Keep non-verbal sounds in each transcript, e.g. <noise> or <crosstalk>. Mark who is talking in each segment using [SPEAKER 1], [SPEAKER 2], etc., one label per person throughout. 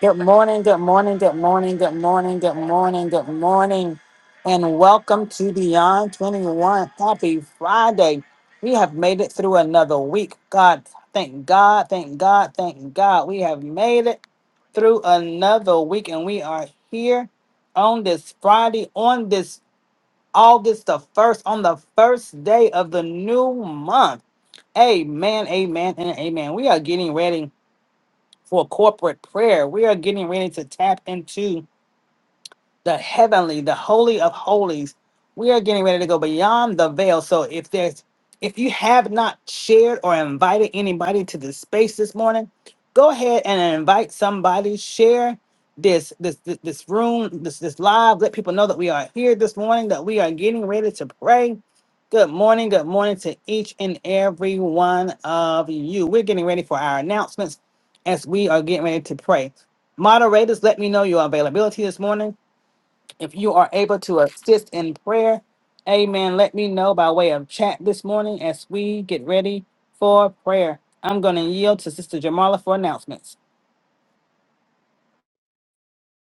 [SPEAKER 1] Good morning, good morning, good morning, good morning, good morning, good morning, and welcome to Beyond 21. Happy Friday. We have made it through another week. God, thank God, thank God, thank God. We have made it through another week, and we are here on this Friday, on this August the 1st, on the first day of the new month. Amen, amen, and amen. We are getting ready for corporate prayer. We are getting ready to tap into the heavenly, the holy of holies. We are getting ready to go beyond the veil. So if there's if you have not shared or invited anybody to this space this morning, go ahead and invite somebody, share this this this, this room, this this live, let people know that we are here this morning, that we are getting ready to pray. Good morning, good morning to each and every one of you. We're getting ready for our announcements as we are getting ready to pray. Moderators, let me know your availability this morning if you are able to assist in prayer, amen. Let me know by way of chat this morning as we get ready for prayer. I'm going to yield to Sister Jamala for announcements.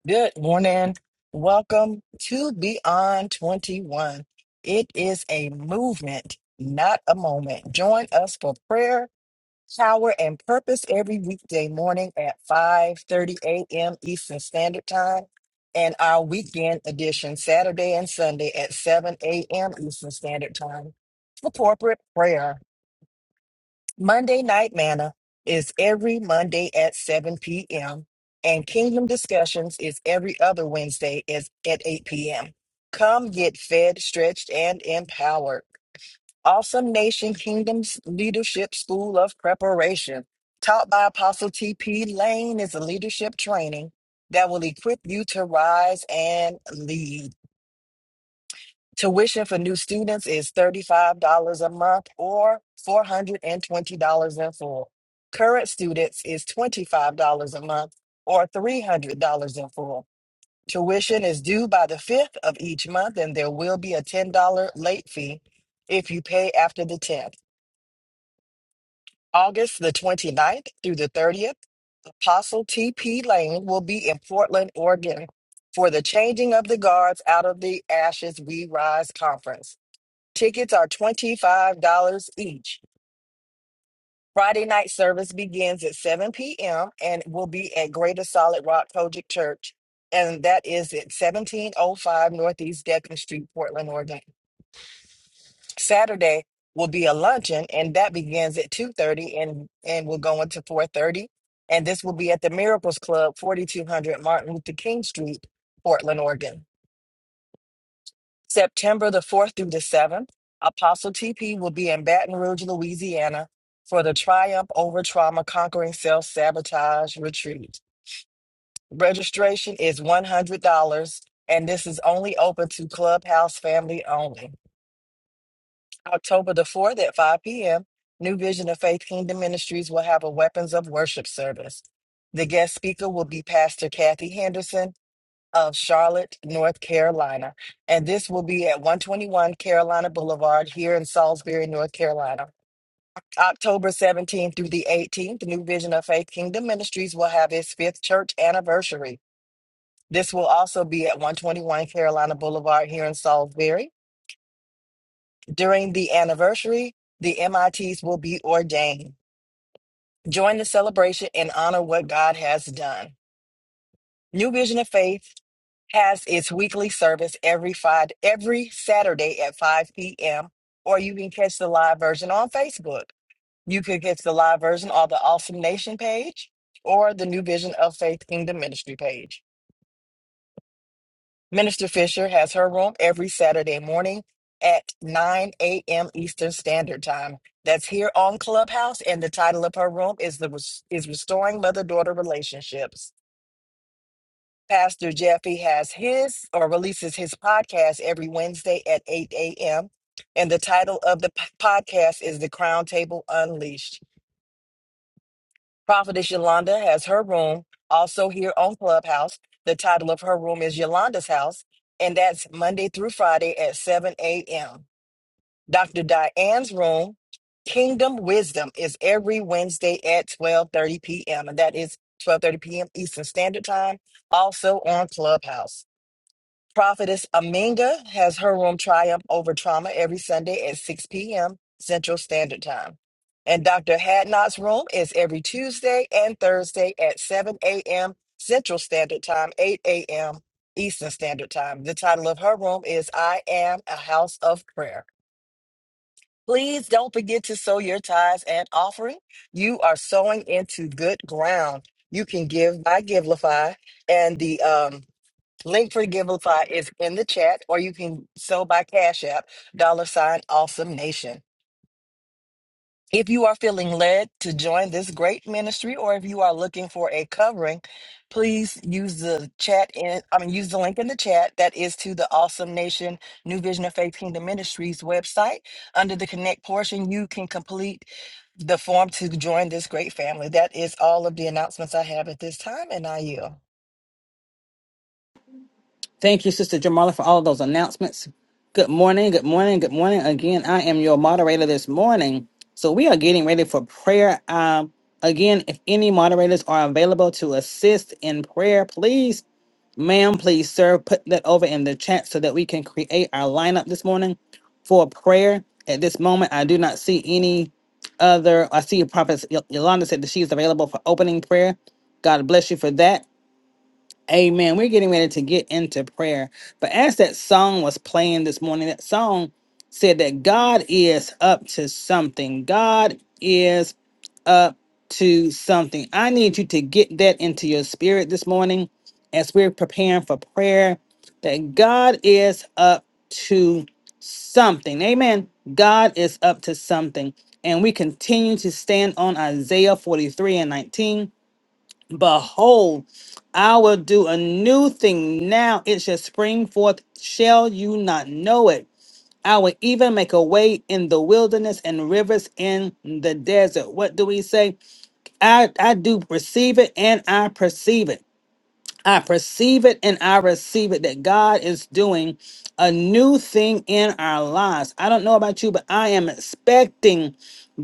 [SPEAKER 2] Good morning. Welcome to Beyond 21. It is a movement, not a moment. Join us for prayer, power, and purpose every weekday morning at 5:30 a.m. Eastern Standard Time and our weekend edition Saturday and Sunday at 7 a.m. Eastern Standard Time for corporate prayer. Monday Night Manna is every Monday at 7 p.m., and Kingdom Discussions is every other Wednesday is at 8 p.m. Come get fed, stretched, and empowered. Awesome Nation Kingdom's Leadership School of Preparation, taught by Apostle T.P. Lane, is a leadership training that will equip you to rise and lead. Tuition for new students is $35 a month or $420 in full. Current students is $25 a month or $300 in full. Tuition is due by the 5th of each month, and there will be a $10 late fee if you pay after the 10th. August the 29th through the 30th, Apostle T.P. Lane will be in Portland, Oregon for the Changing of the Guards Out of the Ashes We Rise Conference. Tickets are $25 each. Friday night service begins at 7 p.m. and will be at Greater Solid Rock Kojic Church. And that is at 1705 Northeast Deccan Street, Portland, Oregon. Saturday will be a luncheon and that begins at 2.30 and, and will go into 4.30. And this will be at the Miracles Club, 4200 Martin Luther King Street, Portland, Oregon. September the 4th through the 7th, Apostle TP will be in Baton Rouge, Louisiana for the Triumph Over Trauma Conquering Self Sabotage Retreat. Registration is $100, and this is only open to Clubhouse family only. October the 4th at 5 p.m., New Vision of Faith Kingdom Ministries will have a Weapons of Worship service. The guest speaker will be Pastor Kathy Henderson of Charlotte, North Carolina. And this will be at 121 Carolina Boulevard here in Salisbury, North Carolina. October 17th through the 18th, New Vision of Faith Kingdom Ministries will have its fifth church anniversary. This will also be at 121 Carolina Boulevard here in Salisbury. During the anniversary, the MITs will be ordained. Join the celebration and honor what God has done. New Vision of Faith has its weekly service every five every Saturday at 5 p.m. Or you can catch the live version on Facebook. You could catch the live version on the Awesome Nation page or the New Vision of Faith Kingdom Ministry page. Minister Fisher has her room every Saturday morning at 9 a.m. Eastern Standard Time. That's here on Clubhouse, and the title of her room is the Res- is restoring mother daughter relationships. Pastor Jeffy has his or releases his podcast every Wednesday at 8 a.m. And the title of the p- podcast is The Crown Table Unleashed. Prophetess Yolanda has her room also here on Clubhouse. The title of her room is Yolanda's House, and that's Monday through Friday at 7 a.m. Dr. Diane's room, Kingdom Wisdom, is every Wednesday at 12:30 p.m. and that is 12:30 p.m. Eastern Standard Time, also on Clubhouse. Prophetess Aminga has her room Triumph Over Trauma every Sunday at 6 p.m. Central Standard Time. And Dr. Hadnot's room is every Tuesday and Thursday at 7 a.m. Central Standard Time, 8 a.m. Eastern Standard Time. The title of her room is I Am a House of Prayer. Please don't forget to sow your tithes and offering. You are sowing into good ground. You can give by Givelify and the um, Link for the Giveify is in the chat, or you can sew by Cash App, dollar sign Awesome Nation. If you are feeling led to join this great ministry, or if you are looking for a covering, please use the chat in, I mean, use the link in the chat that is to the Awesome Nation New Vision of Faith Kingdom Ministries website. Under the Connect portion, you can complete the form to join this great family. That is all of the announcements I have at this time, and I yield.
[SPEAKER 1] Thank you, Sister Jamala, for all of those announcements. Good morning, good morning, good morning. Again, I am your moderator this morning. So we are getting ready for prayer. Um, again, if any moderators are available to assist in prayer, please Ma'am, please, sir, put that over in the chat so that we can create our lineup this morning for prayer. At this moment, I do not see any other. I see Prophet Y- Yolanda said that she's available for opening prayer. God bless you for that. Amen. We're getting ready to get into prayer. But as that song was playing this morning, that song said that God is up to something. God is to something. I need you to get that into your spirit this morning as we're preparing for prayer that God is up to something. Amen. God is up to something. And we continue to stand on Isaiah 43 and 19. Behold, I will do a new thing now. It shall spring forth. Shall you not know it? I will even make a way in the wilderness and rivers in the desert. What do we say? I I do receive it and I perceive it. I perceive it and I receive it that God is doing a new thing in our lives. I don't know about you, but I am expecting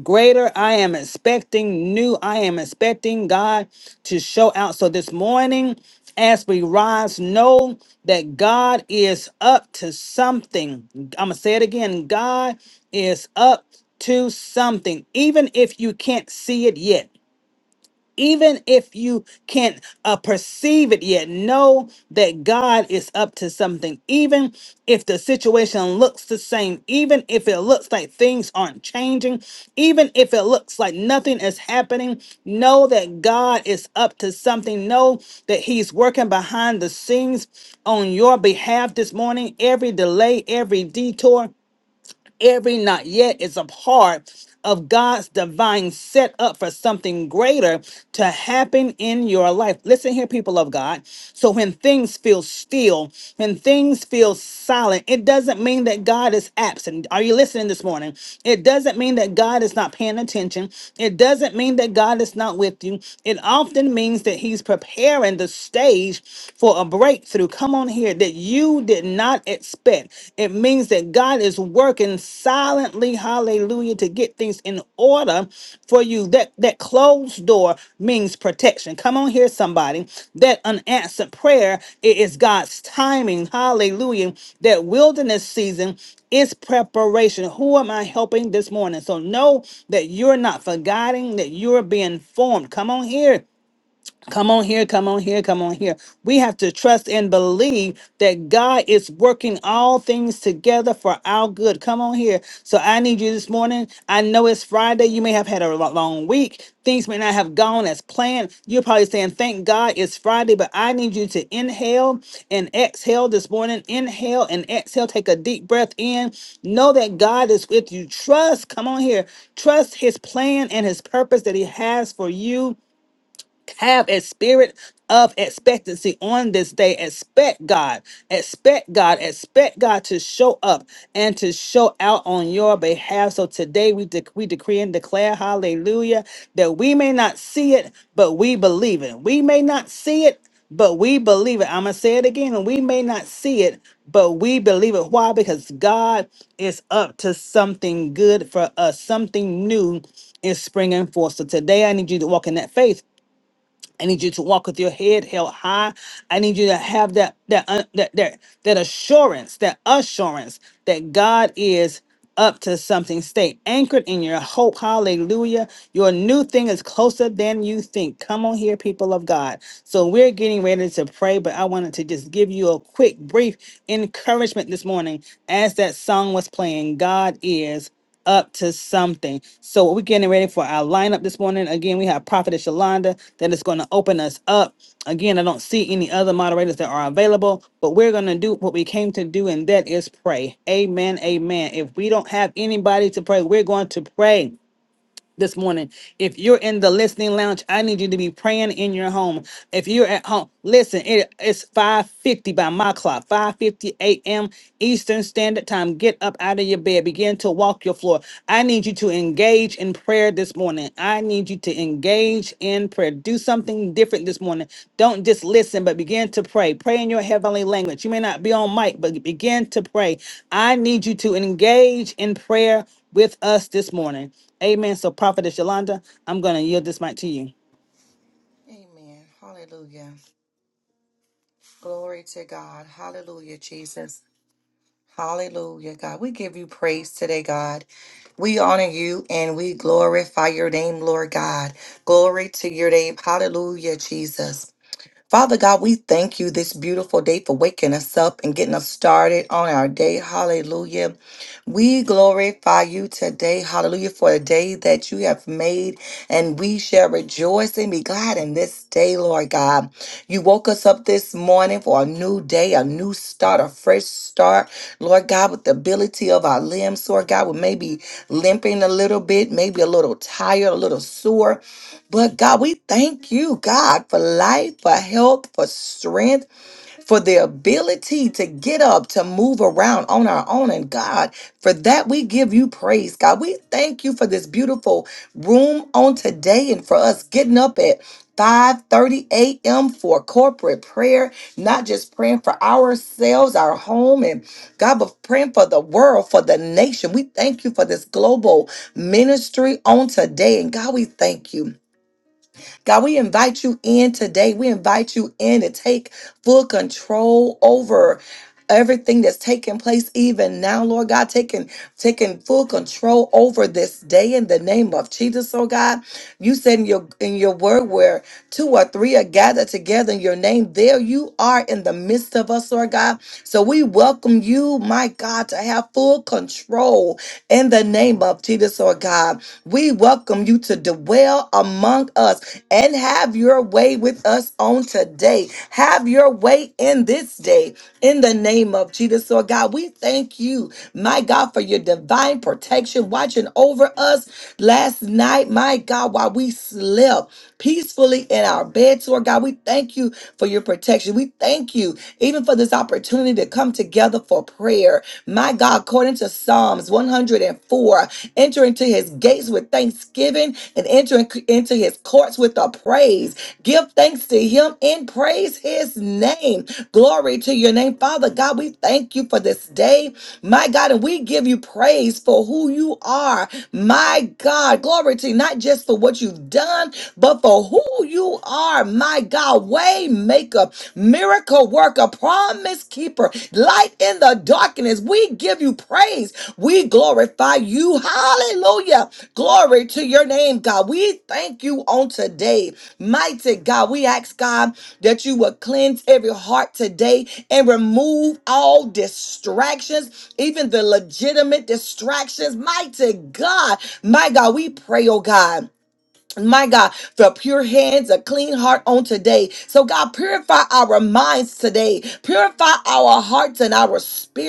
[SPEAKER 1] greater. I am expecting new. I am expecting God to show out. So this morning, as we rise, know that God is up to something. I'm going to say it again God is up to something, even if you can't see it yet even if you can't uh, perceive it yet know that god is up to something even if the situation looks the same even if it looks like things aren't changing even if it looks like nothing is happening know that god is up to something know that he's working behind the scenes on your behalf this morning every delay every detour every not yet is a part of God's divine setup for something greater to happen in your life. Listen here, people of God. So when things feel still, when things feel silent, it doesn't mean that God is absent. Are you listening this morning? It doesn't mean that God is not paying attention. It doesn't mean that God is not with you. It often means that He's preparing the stage for a breakthrough. Come on here on here that you did not expect. It means that God is working silently, hallelujah, to get things in order for you. That that closed door means protection. Come on here, somebody. That unanswered prayer it is God's timing, hallelujah. That wilderness season is preparation. Who am I helping this morning? So know that you're not forgetting. that you're being formed. Come on here. Come on here, come on here, come on here. We have to trust and believe that God is working all things together for our good. Come on here. So I need you this morning. I know it's Friday. You may have had a lo- long week. Things may not have gone as planned. You're probably saying, Thank God it's Friday, but I need you to inhale and exhale this morning. Inhale and exhale. Take a deep breath in. Know that God is with you. Trust, come on here. Trust his plan and his purpose that he has for you have a spirit of expectancy on this day. Expect God, expect God, expect God to show up and to show out on your behalf. So today we, dec we decree and declare, hallelujah, that we may not see it, but we believe it. We may not see it, but we believe it. I'm going to say it again, and we may not see it, but we believe it. Why? Because God is up to something good for us, something new is springing forth. So today I need you to walk in that faith I need you to walk with your head held high. I need you to have that that uh, that that that assurance, that assurance that God is up to something. Stay anchored in your hope. Hallelujah. Your new thing is closer than you think. Come on here, people of God. So we're getting ready to pray, but I wanted to just give you a quick, brief encouragement this morning as that song was playing. God is up to something. So we're getting ready for our lineup this morning. Again, we have Prophetess Yolanda that is going to open us up. Again, I don't see any other moderators that are available, but we're going to do what we came to do, and that is pray. Amen. Amen. If we don't have anybody to pray, we're going to pray this morning. If you're in the listening lounge, I need you to be praying in your home. If you're at home, listen, it, it's 5.50 by my clock, 5.50 a.m. Eastern Standard Time. Get up out of your bed. Begin to walk your floor. I need you to engage in prayer this morning. I need you to engage in prayer. Do something different this morning. Don't just listen, but begin to pray. Pray in your heavenly language. You may not be on mic, but begin to pray. I need you to engage in prayer with us this morning. Amen. So, Prophetess Yolanda, I'm going to yield this mic to you.
[SPEAKER 3] Amen. Hallelujah. Glory to God. Hallelujah, Jesus. Hallelujah, God. We give you praise today, God. We honor you and we glorify your name, Lord God. Glory to your name. Hallelujah, Jesus. Father God, we thank you this beautiful day for waking us up and getting us started on our day. Hallelujah. We glorify you today. Hallelujah. For the day that you have made, and we shall rejoice and be glad in this day, Lord God. You woke us up this morning for a new day, a new start, a fresh start. Lord God, with the ability of our limbs, Lord God, we may be limping a little bit, maybe a little tired, a little sore. But God, we thank you, God, for life, for health, for strength, for the ability to get up, to move around on our own. And God, for that we give you praise, God. We thank you for this beautiful room on today and for us getting up at 5 30 a.m. for corporate prayer, not just praying for ourselves, our home, and God, but praying for the world, for the nation. We thank you for this global ministry on today. And God, we thank you. God, we invite you in today. We invite you in to take full control over everything that's taking place even now lord god taking taking full control over this day in the name of jesus oh god you said in your in your word where two or three are gathered together in your name there you are in the midst of us lord god so we welcome you my god to have full control in the name of jesus oh god we welcome you to dwell among us and have your way with us on today. Have your way in this day in the name of Jesus. So, God, we thank you, my God, for your divine protection watching over us last night, my God, while we slept peacefully in our beds. Lord God, we thank you for your protection. We thank you even for this opportunity to come together for prayer prayer. My God, according to Psalms 104, enter into his gates with thanksgiving and enter into his courts with a praise. Give thanks to him and praise his name. Glory to your name. Father God, we thank you for this day. My God, and we give you praise for who you are. My God, glory to you, not just for what you've done, but for who you are. My God, waymaker, maker, miracle worker, promise keeper, light in the darkness. We give you praise. We glorify you. Hallelujah. Glory to your name, God. We thank you on today. Mighty God, we ask God that you would cleanse every heart today and remove all distractions, even the legitimate distractions. Mighty God, my God, we pray, oh God my God, for pure hands, a clean heart on today. So, God, purify our minds today, purify our hearts and our spirit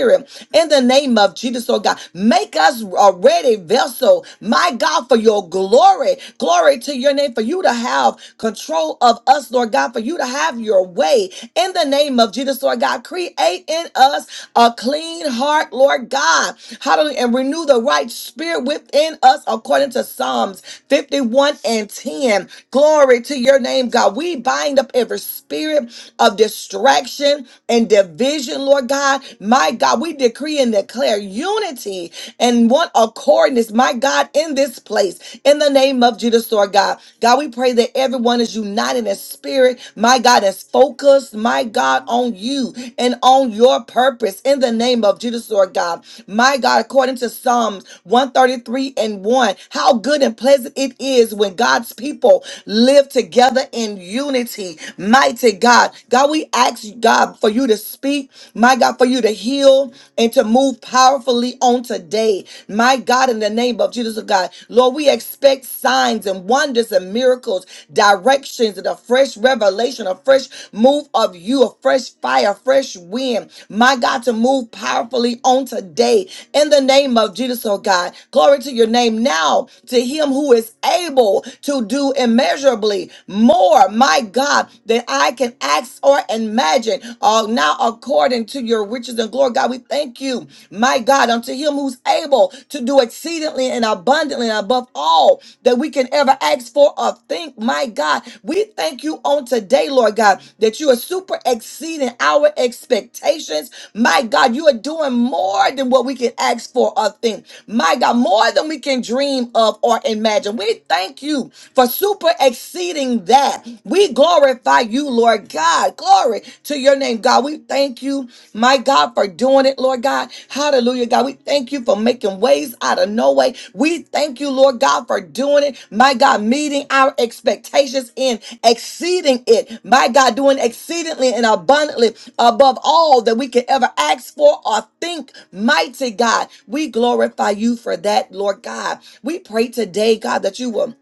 [SPEAKER 3] in the name of Jesus, oh God. Make us a ready vessel, my God, for your glory. Glory to your name, for you to have control of us, Lord God, for you to have your way in the name of Jesus, Lord God. Create in us a clean heart, Lord God. Hallelujah. And renew the right spirit within us according to Psalms 51 and 10. Glory to your name, God. We bind up every spirit of distraction and division, Lord God. My God, we decree and declare unity and one accordness, my God, in this place, in the name of Jesus, Lord God. God, we pray that everyone is united in spirit, my God, is focused, my God, on you and on your purpose, in the name of Jesus, Lord God. My God, according to Psalms 133 and 1, how good and pleasant it is when when God's people live together in unity. Mighty God. God, we ask God for you to speak, my God, for you to heal and to move powerfully on today. My God, in the name of Jesus, oh God. Lord, we expect signs and wonders and miracles, directions and a fresh revelation, a fresh move of you, a fresh fire, a fresh wind. My God, to move powerfully on today. In the name of Jesus, oh God. Glory to your name now to him who is able able to do immeasurably more, my God, than I can ask or imagine. Uh, now, according to your riches and glory, God, we thank you, my God, unto him who's able to do exceedingly and abundantly and above all that we can ever ask for or think, my God. We thank you on today, Lord God, that you are super exceeding our expectations. My God, you are doing more than what we can ask for or think. My God, more than we can dream of or imagine. We thank you thank you for super exceeding that. We glorify you, Lord God. Glory to your name, God. We thank you, my God, for doing it, Lord God. Hallelujah, God. We thank you for making ways out of no way. We thank you, Lord God, for doing it, my God, meeting our expectations in exceeding it, my God, doing exceedingly and abundantly above all that we could ever ask for or think, mighty God. We glorify you for that, Lord God. We pray today, God, that you will.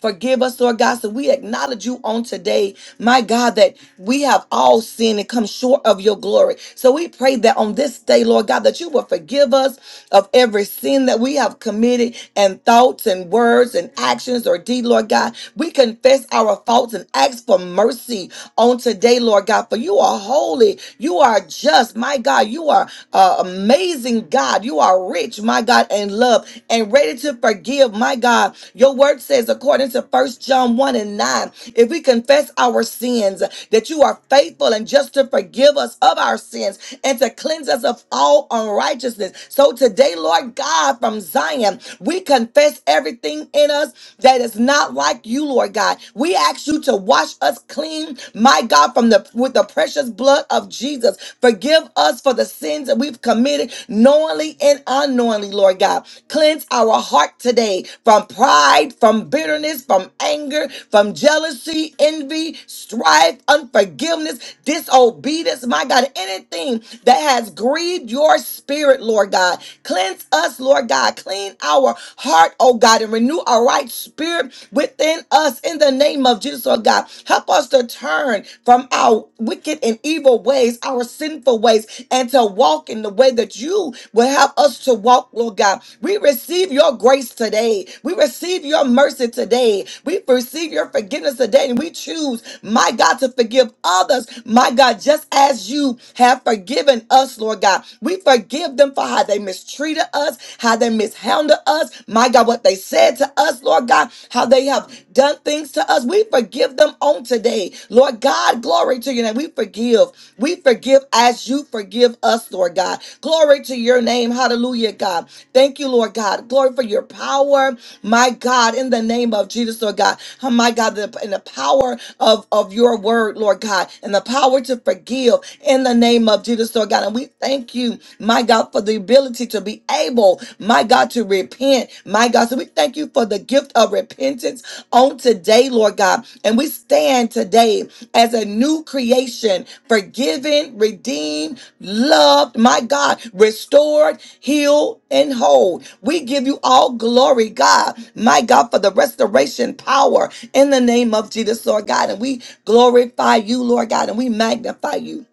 [SPEAKER 3] Forgive us, Lord God. So we acknowledge you on today, my God, that we have all sinned and come short of your glory. So we pray that on this day, Lord God, that you will forgive us of every sin that we have committed and thoughts and words and actions or deed, Lord God. We confess our faults and ask for mercy on today, Lord God, for you are holy. You are just, my God. You are uh, amazing, God. You are rich, my God God, and love and ready to forgive. My God, your word says, according to First John 1 and 9, if we confess our sins, that you are faithful and just to forgive us of our sins and to cleanse us of all unrighteousness. So today, Lord God, from Zion, we confess everything in us that is not like you, Lord God. We ask you to wash us clean, my God, from the with the precious blood of Jesus. Forgive Forgive us for the sins that we've committed knowingly and unknowingly, Lord God. Cleanse our heart today from pride, from bitterness, from anger, from jealousy, envy, strife, unforgiveness, disobedience, my God, anything that has grieved your spirit, Lord God. Cleanse us, Lord God. Clean our heart, oh God, and renew our right spirit within us in the name of Jesus, oh God. Help us us to turn from our wicked and evil ways, our sinful ways, and to walk in the way that you will have us to walk, Lord God. We receive your grace today. We receive your mercy today. We receive your forgiveness today. And we choose, my God, to forgive others, my God, just as you have forgiven us, Lord God. We forgive them for how they mistreated us, how they mishandled us, my God, what they said to us us, Lord God, how they have done things to us. We forgive them on today. Lord God, glory to your name. We forgive. We forgive as you forgive us, Lord God. Glory to your name. Hallelujah, God. Thank you, Lord God. Glory for your power, my God, in the name of Jesus, Lord God. Oh, my God, the, in the power of, of your word, Lord God, and the power to forgive in the name of Jesus, Lord God. And we thank you, my God, for the ability ability to be able, my God, to repent. My God, so we thank you for the gift of repentance on today, Lord God. And we stand today as a new creation, forgiven, redeemed, loved, my God, restored, healed, and whole. We give you all glory, God, my God, for the restoration power in the name of Jesus, Lord God. And we glorify you, Lord God, and we magnify you.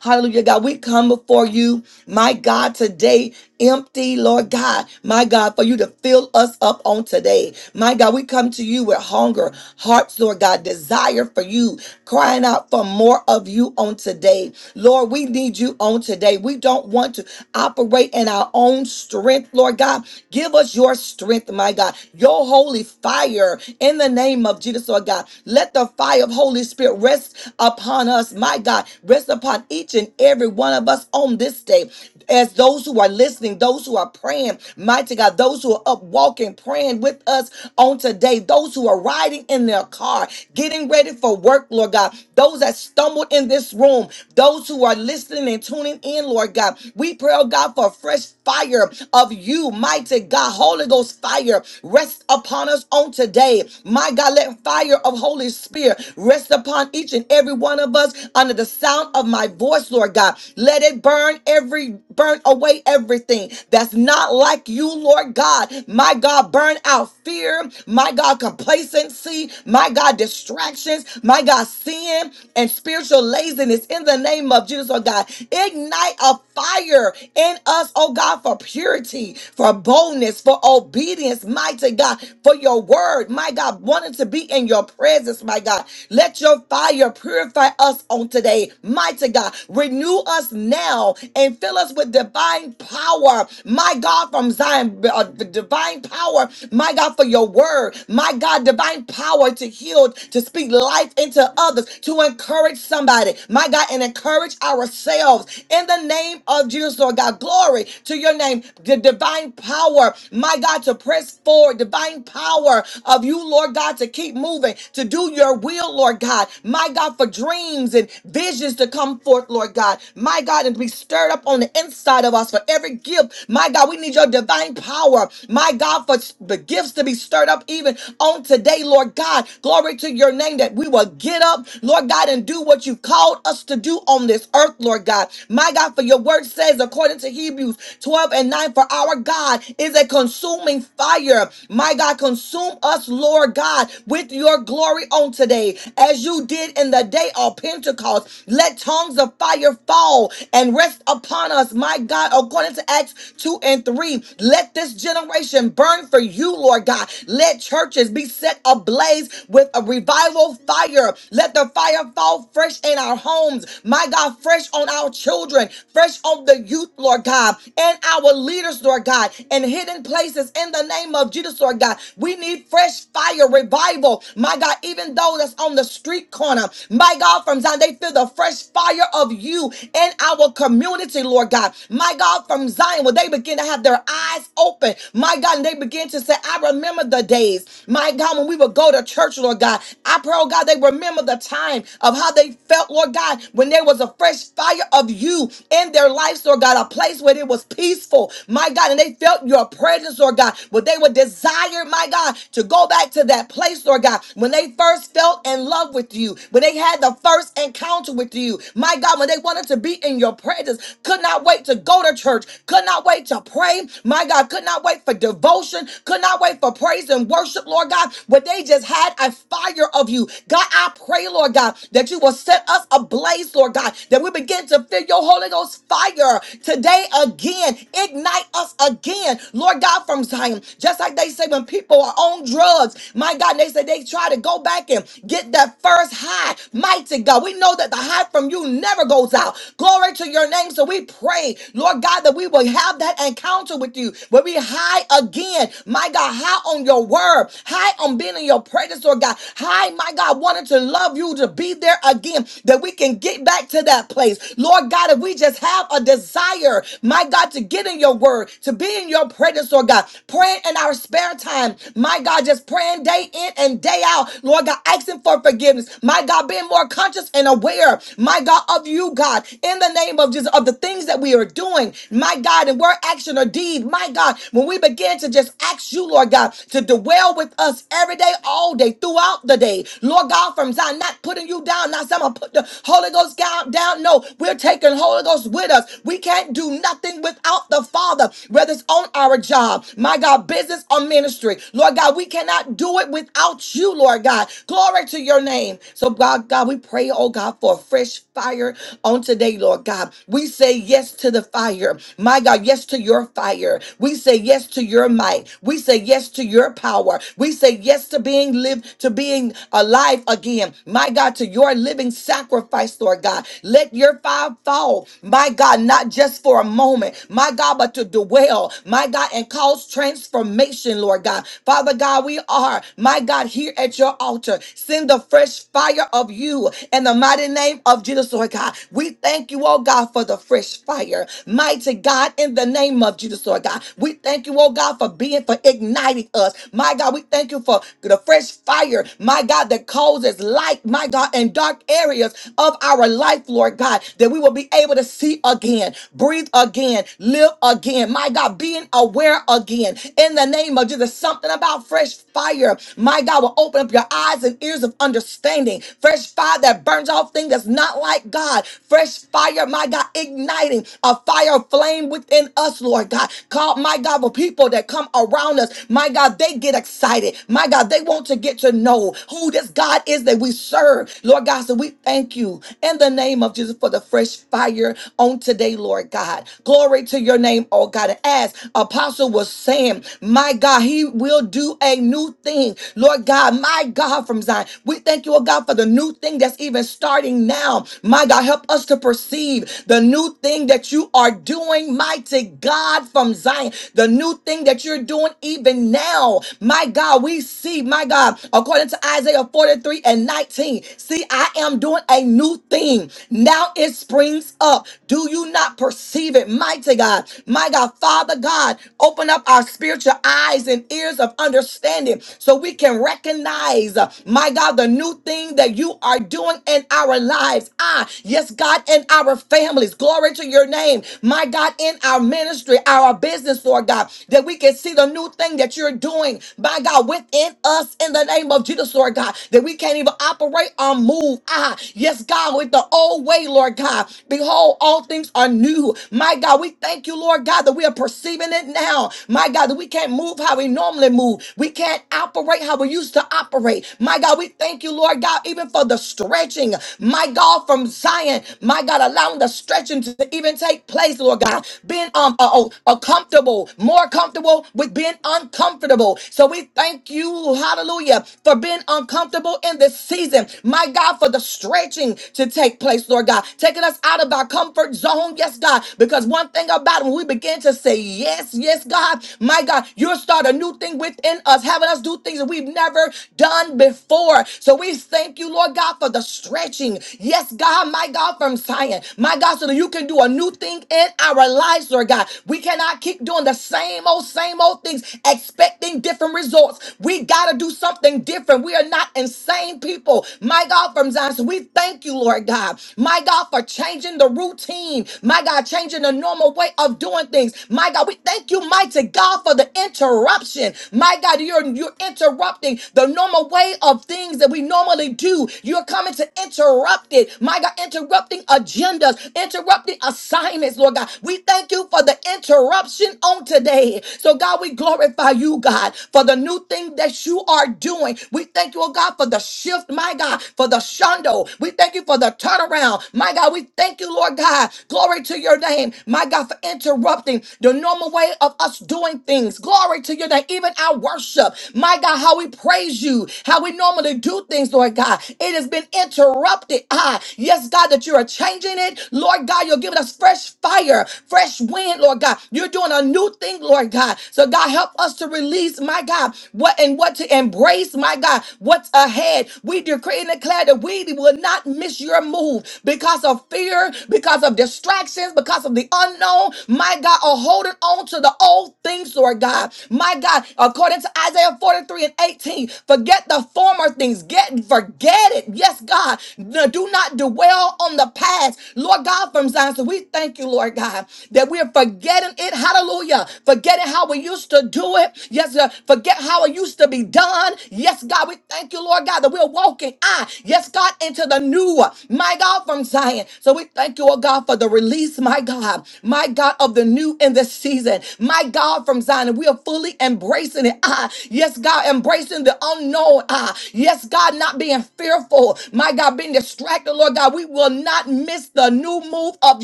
[SPEAKER 3] Hallelujah, God. We come before you, my God, today empty, Lord God, my God, for you to fill us up on today. My God, we come to you with hunger, hearts, Lord God, desire for you, crying out for more of you on today. Lord, we need you on today. We don't want to operate in our own strength, Lord God. Give us your strength, my God, your holy fire in the name of Jesus, Lord God. Let the fire of Holy Spirit rest upon us, my God rest upon each and every one of us on this day. As those who are listening, those who are praying, mighty God, those who are up walking, praying with us on today, those who are riding in their car, getting ready for work, Lord God, those that stumbled in this room, those who are listening and tuning in, Lord God, we pray, oh God, for a fresh fire of you, mighty God. Holy Ghost fire rest upon us on today. My God, let fire of Holy Spirit rest upon each and every one of us under the sound of my voice, Lord God. Let it burn every, burn away everything that's not like you, Lord God. My God, burn out fear, my God, complacency, my God, distractions, my God, sin and spiritual laziness in the name of Jesus, Lord God. Ignite a fire in us, oh God, for purity, for boldness, for obedience, mighty God, for your word, my God, wanting to be in your presence, my God. Let your fire purify us on today, mighty God. Renew us now and fill us with divine power, my God, from Zion, uh, divine power, my God, for your word, my God, divine power to heal, to speak life into others, to encourage somebody, my God, and encourage ourselves in the name name of Jesus, Lord God. Glory to your name. The divine power, my God, to press forward. Divine power of you, Lord God, to keep moving, to do your will, Lord God. My God, for dreams and visions to come forth, Lord God. My God, and to be stirred up on the inside of us for every gift. My God, we need your divine power. My God, for the gifts to be stirred up even on today, Lord God. Glory to your name that we will get up, Lord God, and do what you called us to do on this earth, Lord God. My God, God, for your word says, according to Hebrews 12 and 9, for our God is a consuming fire. My God, consume us, Lord God, with your glory on today, as you did in the day of Pentecost. Let tongues of fire fall and rest upon us, my God, according to Acts 2 and 3. Let this generation burn for you, Lord God. Let churches be set ablaze with a revival fire. Let the fire fall fresh in our homes, my God, fresh on our children children, fresh on the youth, Lord God, and our leaders, Lord God, and hidden places in the name of Jesus, Lord God. We need fresh fire revival, my God, even though that's on the street corner, my God, from Zion, they feel the fresh fire of you in our community, Lord God, my God, from Zion, where they begin to have their eyes open, my God, and they begin to say, I remember the days, my God, when we would go to church, Lord God. I pray, oh God, they remember the time of how they felt, Lord God, when there was a fresh fire of you you in their lives, Lord God, a place where it was peaceful, my God, and they felt your presence, Lord God, where they would desire, my God, to go back to that place, Lord God, when they first felt in love with you, when they had the first encounter with you, my God, when they wanted to be in your presence, could not wait to go to church, could not wait to pray, my God, could not wait for devotion, could not wait for praise and worship, Lord God, but they just had a fire of you. God, I pray, Lord God, that you will set us ablaze, Lord God, that we begin to send your Holy Ghost fire today again. Ignite us again, Lord God, from Zion. Just like they say when people are on drugs, my God, they say they try to go back and get that first high. Mighty God, we know that the high from you never goes out. Glory to your name. So we pray, Lord God, that we will have that encounter with you where we high again, my God, high on your word, high on being in your presence, Lord God, high, my God, wanting to love you to be there again, that we can get back to that place. Lord God, if we just have a desire, my God, to get in your word, to be in your presence, Lord God, praying in our spare time, my God, just praying day in and day out, Lord God, asking for forgiveness, my God, being more conscious and aware, my God, of you, God, in the name of Jesus, of the things that we are doing, my God, in word, action, or deed, my God, when we begin to just ask you, Lord God, to dwell with us every day, all day, throughout the day, Lord God, from Zion, not putting you down, not saying I'm gonna put the Holy Ghost down, down, no, go. We're taking Holy Ghost with us. We can't do nothing without the Father, whether it's on our job, my God, business or ministry. Lord God, we cannot do it without you, Lord God. Glory to your name. So, God, God, we pray, oh God, for a fresh fire on today, Lord God. We say yes to the fire. My God, yes to your fire. We say yes to your might. We say yes to your power. We say yes to being lived, to being alive again. My God, to your living sacrifice, Lord God. Let let your fire fall, my God, not just for a moment, my God, but to dwell, my God, and cause transformation, Lord God. Father God, we are, my God, here at your altar. Send the fresh fire of you in the mighty name of Jesus, Lord God. We thank you, oh God, for the fresh fire. Mighty God, in the name of Jesus, Lord God. We thank you, oh God, for being, for igniting us. My God, we thank you for the fresh fire, my God, that causes light, my God, in dark areas of our life, Lord. Lord God, that we will be able to see again, breathe again, live again. My God, being aware again in the name of Jesus. Something about fresh fire. My God will open up your eyes and ears of understanding. Fresh fire that burns off things that's not like God. Fresh fire, my God, igniting a fire flame within us, Lord God. Call, my God, for people that come around us. My God, they get excited. My God, they want to get to know who this God is that we serve. Lord God, so we thank you in the name name of Jesus for the fresh fire on today, Lord God. Glory to your name, oh God. And as Apostle was saying, my God, he will do a new thing, Lord God, my God, from Zion. We thank you, oh God, for the new thing that's even starting now. My God, help us to perceive the new thing that you are doing, mighty God, from Zion. The new thing that you're doing even now. My God, we see, my God, according to Isaiah 43 and 19, see, I am doing a new thing. 16. Now it springs up. Do you not perceive it? Mighty God, my God, Father God, open up our spiritual eyes and ears of understanding so we can recognize, uh, my God, the new thing that you are doing in our lives. Ah, yes, God, in our families. Glory to your name, my God, in our ministry, our business, Lord God, that we can see the new thing that you're doing, my God, within us in the name of Jesus, Lord God, that we can't even operate or move. Ah, yes, God, God, with the old way, Lord God. Behold, all things are new. My God, we thank you, Lord God, that we are perceiving it now. My God, that we can't move how we normally move. We can't operate how we used to operate. My God, we thank you, Lord God, even for the stretching. My God, from Zion, my God, allowing the stretching to even take place, Lord God. Being um uh, oh, uh, comfortable, more comfortable with being uncomfortable. So we thank you, hallelujah, for being uncomfortable in this season. My God, for the stretching to take place, Lord God. Taking us out of our comfort zone, yes, God. Because one thing about it, when we begin to say yes, yes, God, my God, you'll start a new thing within us, having us do things that we've never done before. So we thank you, Lord God, for the stretching. Yes, God, my God, from Zion. My God, so that you can do a new thing in our lives, Lord God. We cannot keep doing the same old, same old things, expecting different results. We got to do something different. We are not insane people. My God, from Zion. So we thank thank you, Lord God. My God, for changing the routine. My God, changing the normal way of doing things. My God, we thank you, mighty God, for the interruption. My God, you're, you're interrupting the normal way of things that we normally do. You're coming to interrupt it. My God, interrupting agendas, interrupting assignments, Lord God. We thank you for the interruption on today. So, God, we glorify you, God, for the new thing that you are doing. We thank you, oh God, for the shift, my God, for the shundo. We thank you for the turnaround. My God, we thank you, Lord God. Glory to your name. My God, for interrupting the normal way of us doing things. Glory to your name. Even our worship. My God, how we praise you, how we normally do things, Lord God. It has been interrupted. Ah, yes, God, that you are changing it. Lord God, you're giving us fresh fire, fresh wind, Lord God. You're doing a new thing, Lord God. So, God, help us to release, my God, what and what to embrace, my God, what's ahead. We decree and declare that we will will not miss your move because of fear, because of distractions, because of the unknown. My God, are holding on to the old things, Lord God. My God, according to Isaiah 43 and 18, forget the former things. Get forget it. Yes, God. No, Do not dwell on the past. Lord God, from Zion. So we thank you, Lord God, that we are forgetting it. Hallelujah. Forgetting how we used to do it. Yes, God. forget how it used to be done. Yes, God. We thank you, Lord God, that we're walking. I, yes, God, into the new, my God, from Zion. So we thank you, oh God, for the release, my God, my God, of the new in this season, my God, from Zion. And we are fully embracing it. Ah, yes, God, embracing the unknown. Ah, yes, God, not being fearful, my God, being distracted, Lord God. We will not miss the new move of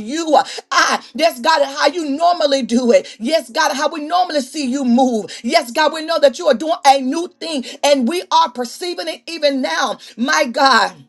[SPEAKER 3] you. Ah, yes, God, how you normally do it. Yes, God, how we normally see you move. Yes, God, we know that you are doing a new thing and we are perceiving it even now, my God.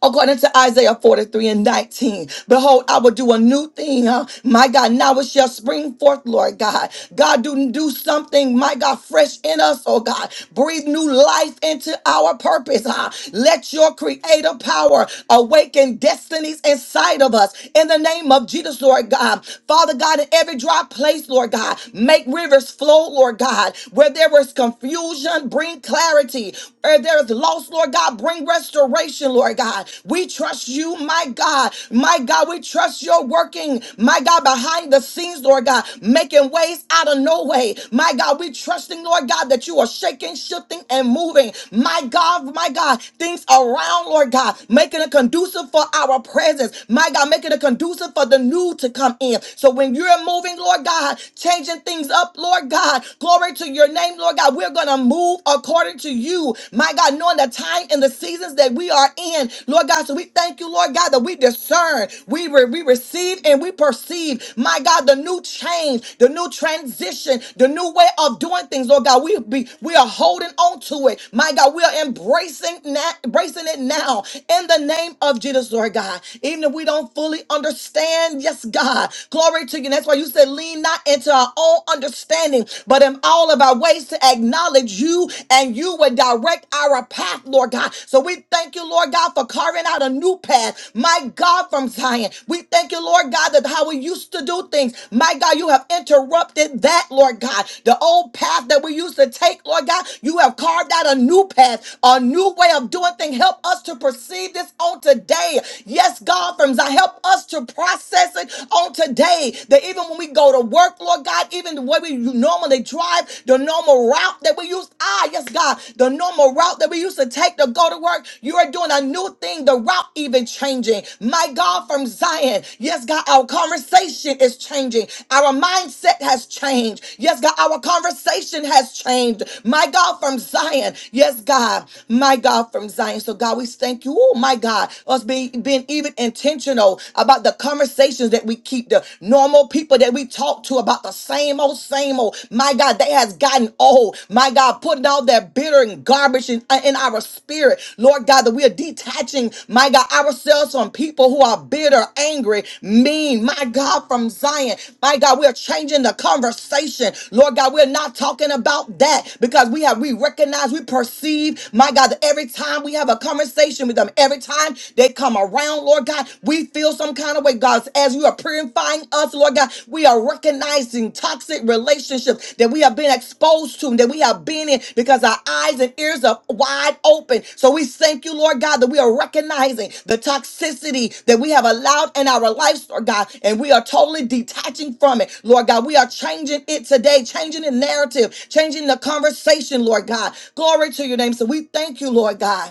[SPEAKER 3] According to Isaiah 43 and 19, behold, I will do a new thing. huh? My God, now it shall spring forth, Lord God. God, do, do something, my God, fresh in us, oh God. Breathe new life into our purpose. huh? Let your creative power awaken destinies inside of us. In the name of Jesus, Lord God. Father God, in every dry place, Lord God, make rivers flow, Lord God. Where there was confusion, bring clarity. Where there is lost, Lord God. Bring restoration, Lord God. We trust you, my God. My God, we trust your working, my God, behind the scenes, Lord God, making ways out of no way. My God, we trusting, Lord God, that you are shaking, shifting, and moving. My God, my God, things around, Lord God, making it conducive for our presence. My God, making it conducive for the new to come in. So when you're moving, Lord God, changing things up, Lord God, glory to your name, Lord God, we're going to move according to you. My God, knowing the time and the seasons that we are in, Lord God. So we thank you, Lord God, that we discern, we, re- we receive, and we perceive, my God, the new change, the new transition, the new way of doing things, Lord God. We be we are holding on to it, my God. We are embracing na- embracing it now in the name of Jesus, Lord God. Even if we don't fully understand, yes, God, glory to you. And that's why you said, lean not into our own understanding doing, but in all of our ways to acknowledge you and you would direct our path, Lord God. So we thank you, Lord God, for carving out a new path, my God, from Zion. We thank you, Lord God, that how we used to do things, my God, you have interrupted that, Lord God. The old path that we used to take, Lord God, you have carved out a new path, a new way of doing things. Help us to perceive this on today. Yes, God, from Zion, help us to process it on today. That even when we when we go to work, Lord God, even the way we normally drive, the normal route that we use. Ah, yes, God, the normal route that we used to take to go to work, you are doing a new thing, the route even changing. My God, from Zion, yes, God, our conversation is changing. Our mindset has changed. Yes, God, our conversation has changed. My God, from Zion, yes, God, my God, from Zion. So, God, we thank you. Oh, my God, us being, being even intentional about the conversation conversations that we keep, the normal people that we talk to about the same old, same old. My God, they has gotten old. My God, putting all that bitter and garbage in, uh, in our spirit. Lord God, that we are detaching, my God, ourselves from people who are bitter, angry, mean. My God, from Zion. My God, we are changing the conversation. Lord God, we're not talking about that because we have, we recognize, we perceive, my God, that every time we have a conversation with them, every time they come come around, Lord God. We feel some kind of way, God. As you are purifying us, Lord God, we are recognizing toxic relationships that we have been exposed to, that we have been in because our eyes and ears are wide open. So we thank you, Lord God, that we are recognizing the toxicity that we have allowed in our lives, Lord God, and we are totally detaching from it, Lord God. We are changing it today, changing the narrative, changing the conversation, Lord God. Glory to your name. So we thank you, Lord God.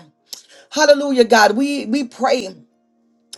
[SPEAKER 3] Hallelujah, God. We we pray.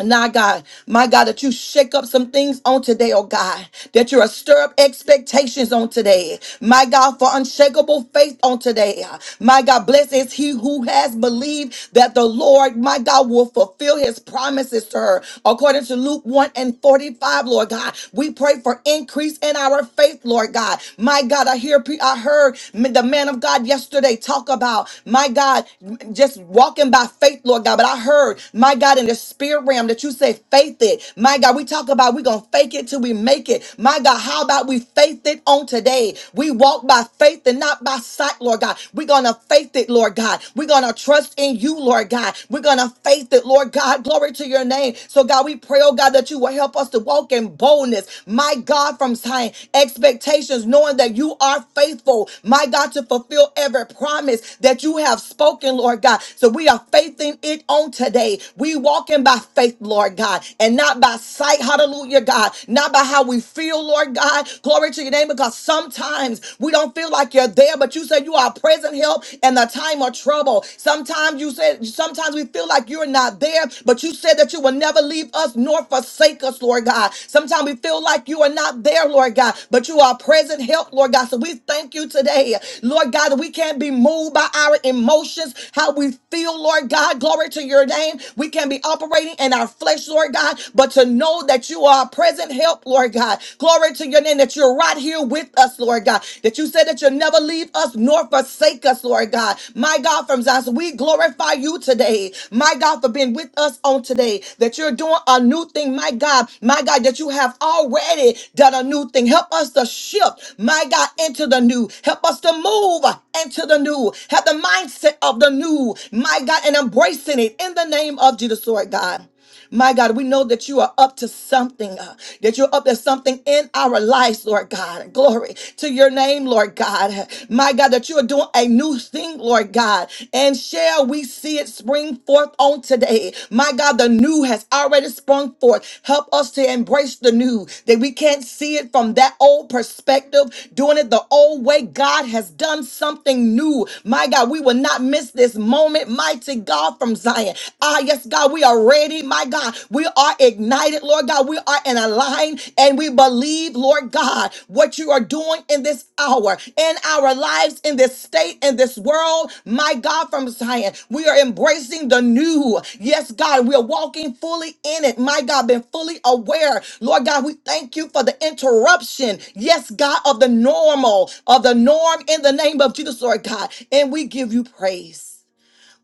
[SPEAKER 3] Now, God, my God, that you shake up some things on today, oh God, that you stir up expectations on today. My God, for unshakable faith on today. My God, blessed is he who has believed that the Lord, my God, will fulfill his promises to her. According to Luke 1 and 45, Lord God, we pray for increase in our faith, Lord God. My God, I hear, pe- I heard the man of God yesterday talk about, my God, just walking by faith, Lord God, but I heard, my God, in the the spirit realm that you said faith it. My God, we talk about we're going to fake it till we make it. My God, how about we faith it on today? We walk by faith and not by sight, Lord God. We're going to faith it, Lord God. We're going to trust in you, Lord God. We're going to faith it, Lord God. <laughs> Glory to your name. So, God, we pray, oh God, that you will help us to walk in boldness. My God, from time expectations, knowing that you are faithful, my God, to fulfill every promise that you have spoken, Lord God. So, we are faithing it on today. We walking by faith, Lord God, and not by sight. Hallelujah, God. Not by how we feel, Lord God. Glory to your name, because sometimes we don't feel like you're there, but you said you are present help in the time of trouble. Sometimes you said, sometimes we feel like you're not there, but you said that you will never leave us nor forsake us, Lord God. Sometimes we feel like you are not there, Lord God, but you are present help, Lord God. So we thank you today, Lord God, that we can't be moved by our emotions, how we feel, Lord God. Glory to your to your name. We can be operating in our flesh, Lord God, but to know that you are a present help, Lord God. Glory to your name that you're right here with us, Lord God. That you said that you'll never leave us nor forsake us, Lord God. My God, from Zion, we glorify you today. My God, for being with us on today. That you're doing a new thing, my God. My God, that you have already done a new thing. Help us to shift, my God, into the new. Help us to move into the new. Have the mindset of the new, my God, and embracing it in the name of Jesus, Lord God. My God, we know that you are up to something, uh, that you're up to something in our lives, Lord God. Glory to your name, Lord God. My God, that you are doing a new thing, Lord God. And shall we see it spring forth on today? My God, the new has already sprung forth. Help us to embrace the new, that we can't see it from that old perspective, doing it the old way. God has done something new. My God, we will not miss this moment mighty God, from Zion. Ah, yes, God, we are ready, my God. We are ignited, Lord God. We are in aligned and we believe, Lord God, what you are doing in this hour, in our lives, in this state, in this world, my God, from Zion. We are embracing the new. Yes, God, we are walking fully in it, my God, been fully aware. Lord God, we thank you for the interruption, yes, God, of the normal, of the norm in the name of Jesus, Lord God. And we give you praise.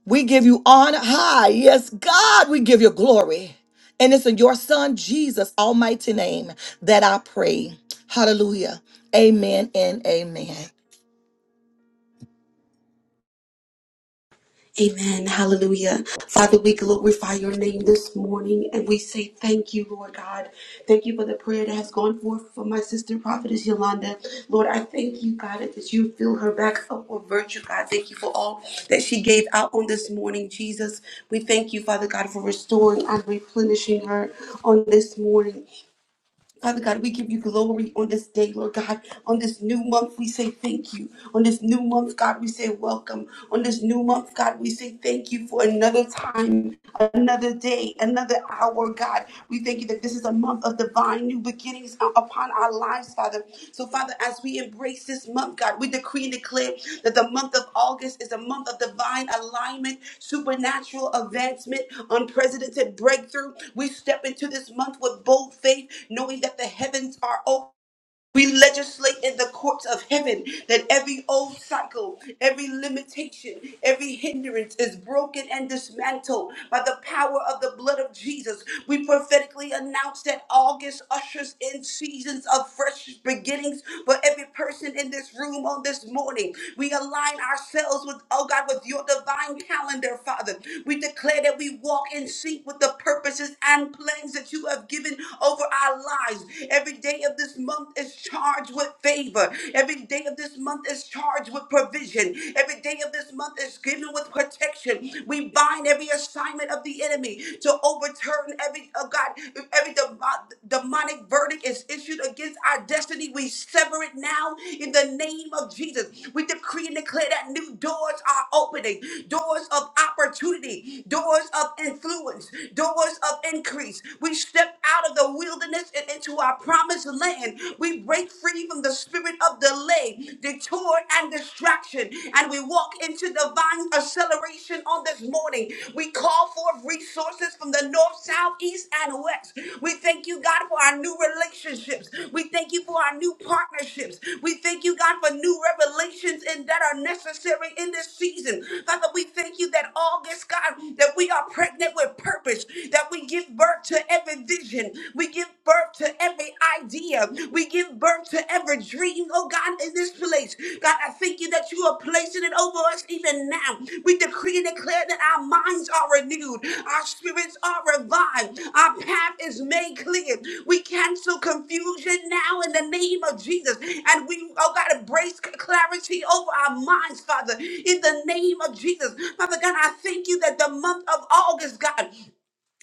[SPEAKER 3] We give you on high. Yes, God, we give you glory. And it's in your son Jesus' almighty name that I pray. Hallelujah. Amen and amen.
[SPEAKER 4] Amen. Hallelujah. Father, we glorify your name this morning and we say thank you, Lord God. Thank you for the prayer that has gone forth for my sister, Prophetess Yolanda. Lord, I thank you, God, that you fill her back up with virtue, God. Thank you for all that she gave out on this morning, Jesus. We thank you, Father God, for restoring and replenishing her on this morning. Father God, we give you glory on this day, Lord God. On this new month, we say thank you. On this new month, God, we say welcome. On this new month, God, we say thank you for another time, another day, another hour, God. We thank you that this is a month of divine new beginnings upon our lives, Father. So, Father, as we embrace this month, God, we decree and declare that the month of August is a month of divine alignment, supernatural advancement, unprecedented breakthrough. We step into this month with bold faith, knowing that the heavens are open. We legislate in the courts of heaven that every old cycle, every limitation, every hindrance is broken and dismantled by the power of the blood of Jesus. We prophetically announce that August ushers in seasons of fresh beginnings for every person in this room on this morning. We align ourselves with, oh God, with your divine calendar, Father. We declare that we walk in sync with the purposes and plans that you have given over our lives. Every day of this month is charged with favor. Every day of this month is charged with provision. Every day of this month is given with protection. We bind every assignment of the enemy to overturn every oh God, if every demo- demonic verdict is issued against our destiny. We sever it now in the name of Jesus. We decree and declare that new doors are opening, doors of opportunity, doors of influence, doors of increase. We step out of the the wilderness and into our promised land. We break free from the spirit of delay, detour, and distraction, and we walk into divine acceleration on this morning. We call forth resources from the north, south, east, and west. We thank you, God, for our new relationships. We thank you for our new partnerships. We thank you, God, for new revelations and that are necessary in this season. Father, we thank you that August, God, that we are pregnant with purpose, that we give birth birth to every vision. We give birth to every idea. We give birth to every dream, oh God, in this place. God, I thank you that you are placing it over us even now. We decree and declare that our minds are renewed, our spirits are revived, our path is made clear. We cancel confusion now in the name of Jesus. And we, oh God, embrace clarity over our minds, Father, in the name of Jesus. Father God, I thank you that the month of August, God.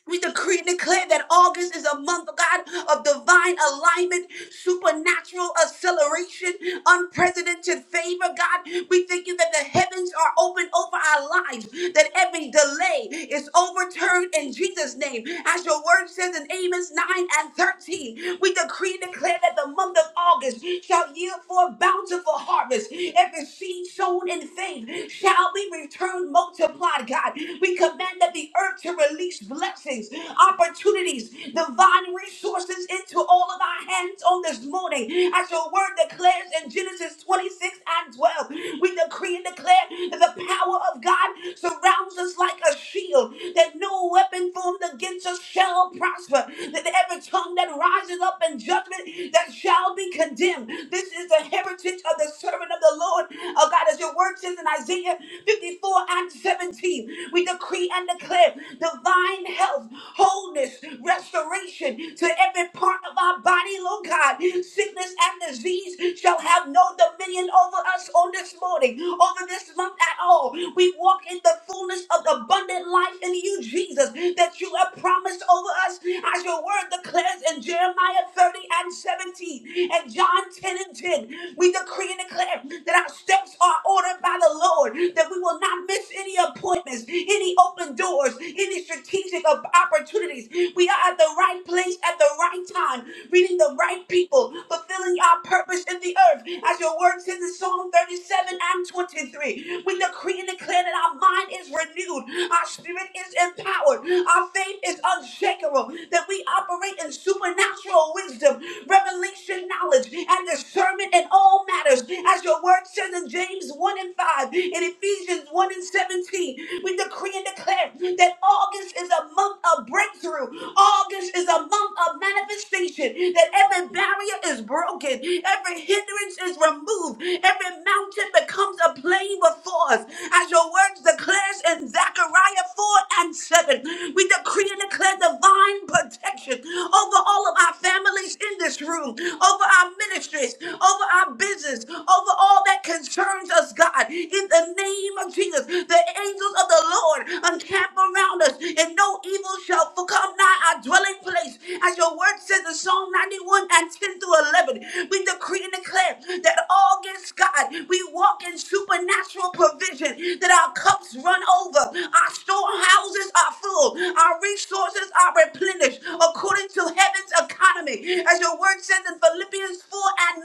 [SPEAKER 4] We decree and declare that August is a month, oh God, of divine alignment, supernatural acceleration, unprecedented favor, God. We thank you that the heavens are open over our lives, that every delay is overturned in Jesus' name. As your word says in Amos 9 and 13, we decree and declare that the month of August shall yield for a bountiful harvest. Every seed sown in faith shall be returned multiplied, God. We command that the earth to release blessings, opportunities, divine resources into all of our hands on this morning. As your word declares in Genesis 26 and 12, we decree and declare that the power of God surrounds us like a shield, that no no weapon formed against us shall prosper. That every tongue that rises up in judgment that shall be condemned. This is the heritage of the servant of the Lord. Oh God, as your word says in Isaiah 54 and 17, we decree and declare divine health, wholeness, restoration to every part of our body, Lord God. Sickness and disease shall have no dominion over us on this morning, over this month at all. We walk in the fullness of the abundant life abundant life in you, Jesus, that you have promised over us, as your word declares in Jeremiah 30 and 17 and John 10 and 10. We decree and declare that our steps are ordered by the Lord, that we will not miss any appointments, any open doors, any strategic op- opportunities. We are at the right place at the right time, reading the right people, fulfilling our purpose in the earth, as your word says in Psalm 37 and 23. We decree and declare that our mind is renewed renewed. Our spirit is empowered. Our faith is unshakable. That we operate in supernatural wisdom, revelation, knowledge, and discernment in all matters. As your word says in James 1 and 5, in Ephesians 1 and 17, we decree and declare that August is a month of breakthrough. August is a month of manifestation. That every barrier is broken, every hindrance is removed, every mountain becomes a plain before us. As your word word declares in Zechariah 4 and 7. We decree and declare divine protection over all of our families in this room, over our ministries, over our business, over all that concerns us, God. In the name of Jesus, the angels of the Lord encamp around us, and no evil shall come nigh our dwelling place. As your word says in Psalm 91 and 10 through 11, we decree and declare that all gifts, God, we walk in supernatural provision provision, that our cups run over, our storehouses are full, our resources are replenished according to heaven's economy. As your word says in Philippians 4 and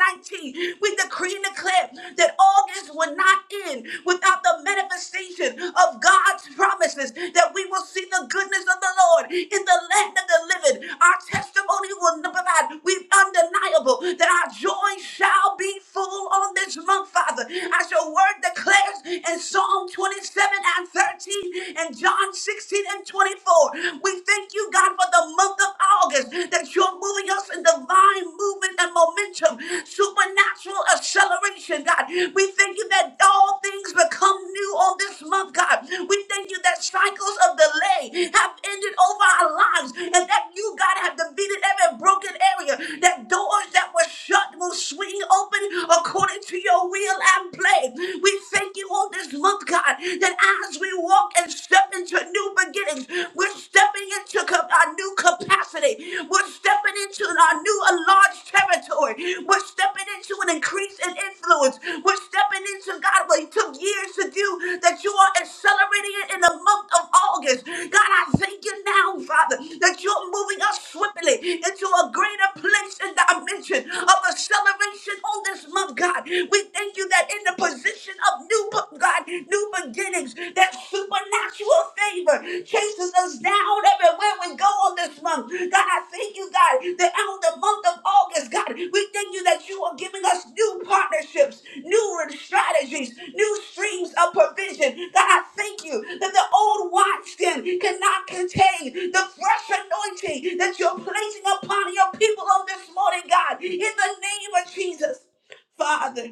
[SPEAKER 4] 19, we decree and declare that August will not end without the manifestation of God's promises, that we will see the goodness of the Lord in the land of the living. Our testimony will not provide, we undeniable that our joy shall be full on this month, Father. As your word word declares in Psalm 27 and 13 and John 16 and 24. We thank you, God, for the month of August that you're moving us in divine movement and momentum, supernatural acceleration, God. We thank you that all things become new on this month, God. We thank you that cycles of delay have ended over our lives and that you, God, have defeated every broken area, that doors that were shut will swing open according to your will and play. We thank you all this month, God, that as we walk and step into new beginnings, we're stepping into co- our new capacity. We're stepping into our new enlarged territory. We're stepping into an increase in influence. We're stepping into, God, what it took years to do, that you are accelerating it in the month of August. God, I thank you now, Father, that you're moving us swiftly into a greater place and dimension of acceleration on this month, God. We thank you that in the position of new b- God, new beginnings, that supernatural favor chases us down everywhere we go on this month. God, I thank you, God, that out of the month of August, God, we thank you that you are giving us new partnerships, new strategies, new streams of provision. God, I thank you that the old wineskin cannot contain the fresh anointing that you're placing upon your people on this morning, God, in the name of Jesus. Father.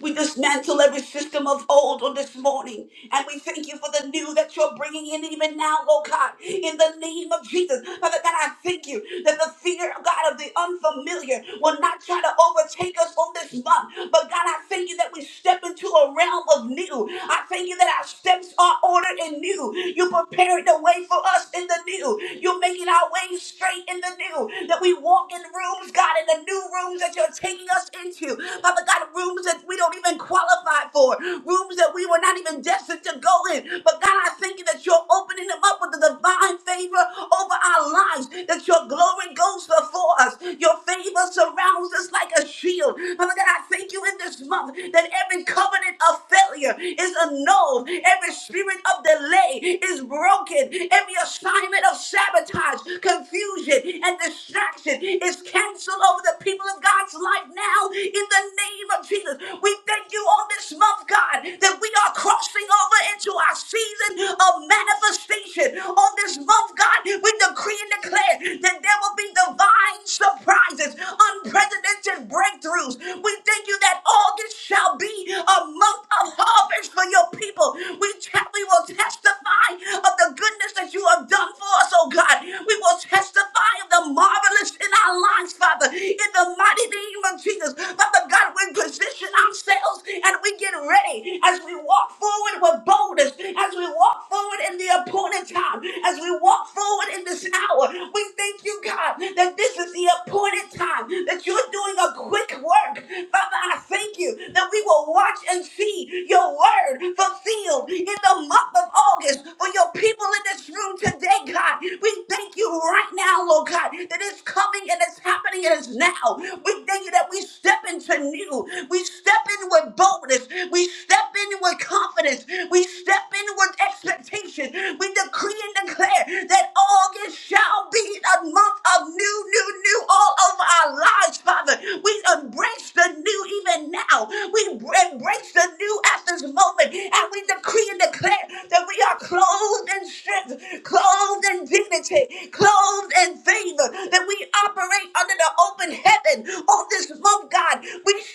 [SPEAKER 4] We dismantle every system of old on this morning. And we thank you for the new that you're bringing in even now, oh God. In the name of Jesus. Father God, I thank you that the fear, God, of the unfamiliar will not try to overtake us on this month. But God, I thank you that we step into a realm of new. I thank you that our steps are ordered and new. You prepared the way for us in the new. You're making our way straight in the new. That we walk in rooms, God, in the new rooms that you're taking us into. Father God, rooms that that we don't even qualify for, rooms that we were not even destined to go in. But God, I thank you that you're opening them up with the divine favor over our lives, that your glory goes before us, your favor surrounds us like a shield. Father God, I thank you in this month that every covenant of failure is annulled, every spirit of delay is broken, every assignment of sabotage, confusion, and distraction is canceled over the people of God's life now in the name of Jesus. Jesus. We thank you on this month, God, that we are crossing over into our season of manifestation. On this month, God, we decree and declare that there will be divine surprises, unprecedented breakthroughs. We thank you that August shall be a month of harvest for your upon your people. We, te- we will testify of the goodness that you have done for us, oh God. We will testify of the marvelous in our lives, Father, in the mighty name of Jesus. Father God, we position ourselves and we get ready as we walk forward with boldness, as we walk forward in the appointment challenge, God, as we walk forward in this hour. We thank you, God, that this is the appointed time, that you're doing a quick work. Father, I thank you that we will watch and see your word fulfilled in the month of August for your people in this room today, God. We thank you right now, Lord God, that it's coming and it's happening and it's now. We thank you that we step into new. We step in with boldness. We step in with confidence. We step in with expectation nations. We decree and declare that August shall be a month of new, new, new all over our lives, Father. We embrace the new even now. We embrace the new at this moment. And we decree and declare that we are clothed in strength, clothed in dignity, clothed in favor, that we operate under the open heaven on this month, God. We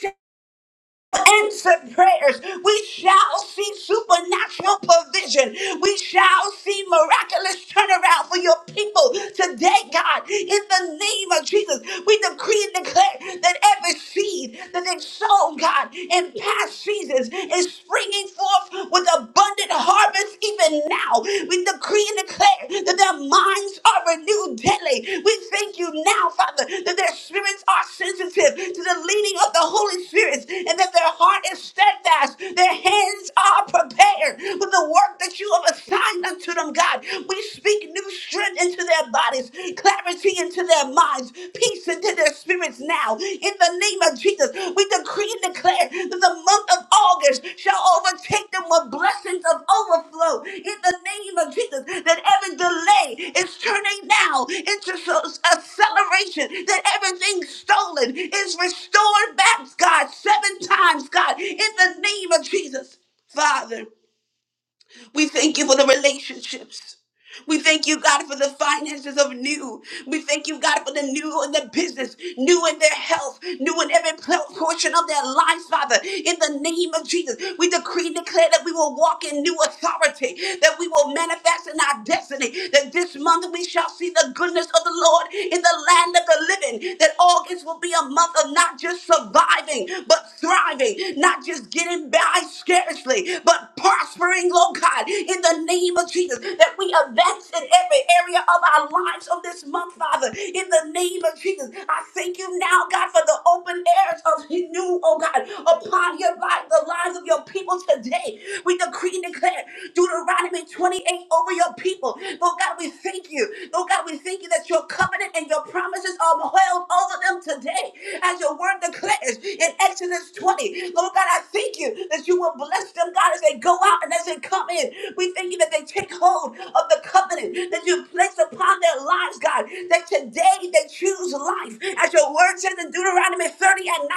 [SPEAKER 4] answered prayers. We shall see supernatural provision. We shall see miraculous turnaround for your people today, God. In the name of Jesus, we decree and declare that every seed that they sown, God, in past seasons is springing forth with abundant harvest even now. We decree decree and declare that their minds are renewed daily. We thank you now, Father, that their spirits are sensitive to the leading of the Holy Spirit and that their heart is steadfast. Their hands are prepared for the work that you have assigned unto them, God. We speak new strength into their bodies, clarity into their minds, peace into their spirits now now in the name of Jesus. We decree and declare that the month of August shall overtake them with blessings of overflow in the name of Jesus. That every delay is turning now into so- acceleration, that everything stolen is restored back, God, seven times, God, in the name of Jesus. Father. We thank you for the relationships. We thank you, God, for the finances of new. We thank you, God, for the new in the business, new in their health, new in every pl- portion of their life, Father. In the name of Jesus, we decree and declare that we will walk in new authority, that we will manifest in our destiny, that this month we shall see the goodness of the Lord in the land of the living, that August will be a month of not just surviving, but thriving, not just getting by scarcely, but prospering, Lord God, in the name of Jesus, that we advance in every area of our lives of this month, Father, in the name of Jesus. I thank you now, God, for the open airs of new, oh God, upon your life, the lives of your people today. We decree and declare Deuteronomy 28 over your people. Lord God, we thank you. Lord God, we thank you that your covenant and your promises are held over them today, as your word declares in Exodus 20. Lord God, I thank you thank you that you will bless them, God, as they go out and as they come in. We thank you that they take hold of the covenant that you placed upon their lives, God, that today they choose life. As your word says in Deuteronomy 30 and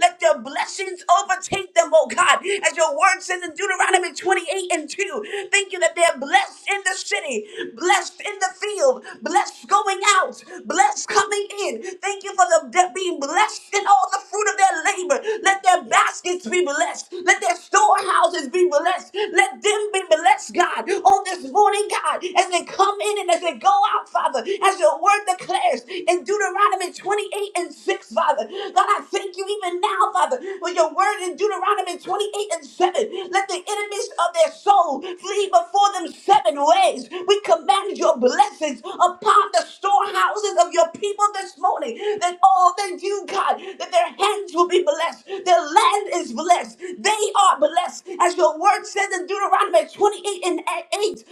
[SPEAKER 4] 19, let their blessings overtake them, oh God. As your word says in Deuteronomy 28 and 2, thank you that they're blessed in the city, blessed in the field, blessed going out, blessed coming in. Thank you for the, being blessed in all the fruit of their labor neighbor. Let their baskets be blessed. Let their storehouses be blessed. Let them be blessed, God, on this morning, God, as they come in and as they go out, Father, as your word declares in Deuteronomy 28 and 6, Father. God, I thank you even now, Father, for your word in Deuteronomy 28 and 7. Let the enemies of their soul flee before them seven ways. We command your blessings upon the storehouses of your people this morning, that all that you, God, God, that their hands will be blessed, their land is blessed, they are blessed. As your word says in Deuteronomy 28 and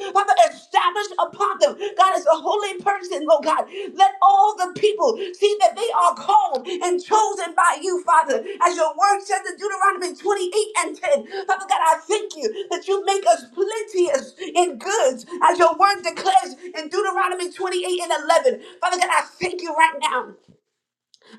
[SPEAKER 4] 8, Father, establish upon them, God, as a holy person, Lord God, let all the people see that they are called and chosen by you, Father. As your word says in Deuteronomy 28 and 10, Father God, I thank you that you make us plenteous in goods, as your word declares in Deuteronomy 28 and 11. Father God, I thank you right now.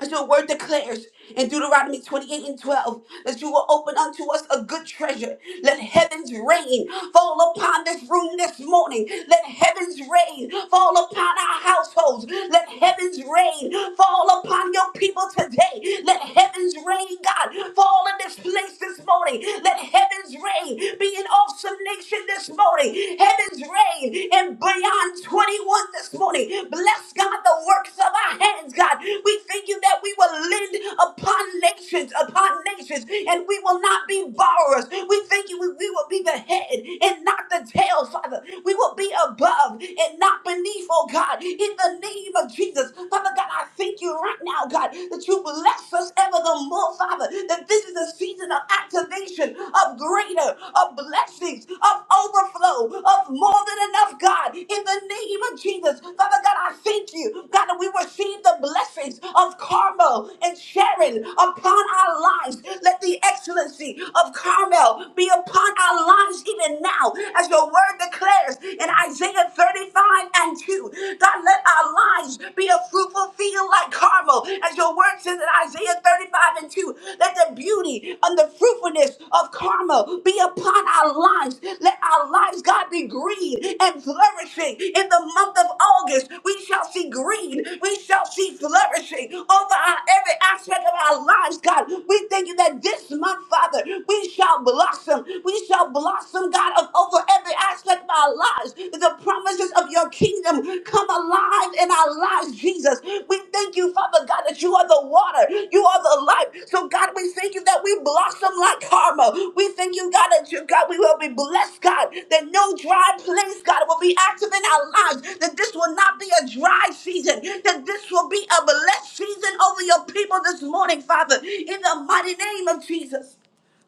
[SPEAKER 4] As your word declares in Deuteronomy 28 and 12, that you will open unto us a good treasure. Let heaven's rain fall upon this room this morning. Let heaven's rain fall upon our households. Let heaven's rain fall upon your people today. Let heaven's rain, God, fall in this place this morning. Let heaven's rain be an awesome nation this morning. Heaven's rain in beyond 21 this morning. Bless God, the works of our hands, God. We thank you that we will lend upon nations, upon nations, and we will not be borrowers. We thank you, we, we will be the head and not the tail, Father. We will be above and not beneath, oh God, in the name of Jesus. Father God, I thank you right now, God, that you bless us ever the more, Father, that this is a season of activation revelation of greater, of blessings, of overflow, of more than enough, God. In the name of Jesus, Father God, I thank you, God, that we receive the blessings of Carmel and Sharon upon our lives. Let the excellency of Carmel be upon our lives even now, as your word declares in Isaiah 35 and 2. God, let our lives be a fruitful field like Carmel. Carmel. As your word says in Isaiah 35 and 2, let the beauty and the fruitfulness of Carmel be upon our lives. Let our lives, God, be green and flourishing. In the month of August, we shall see green. We shall see flourishing over our, every aspect of our lives, God. We thank you that this month, Father, we shall blossom. We shall blossom, God, of over every aspect of our lives the promises of your kingdom come alive in our lives, Jesus. We thank you, Father God, that you are the water, you are the life. So, God, we thank you that we blossom like karma. We thank you, God, that you, God, we will be blessed, God, that no dry place, God, will be active in our lives, that this will not be a dry season, that this will be a blessed season over your people this morning, Father, in the mighty name of Jesus,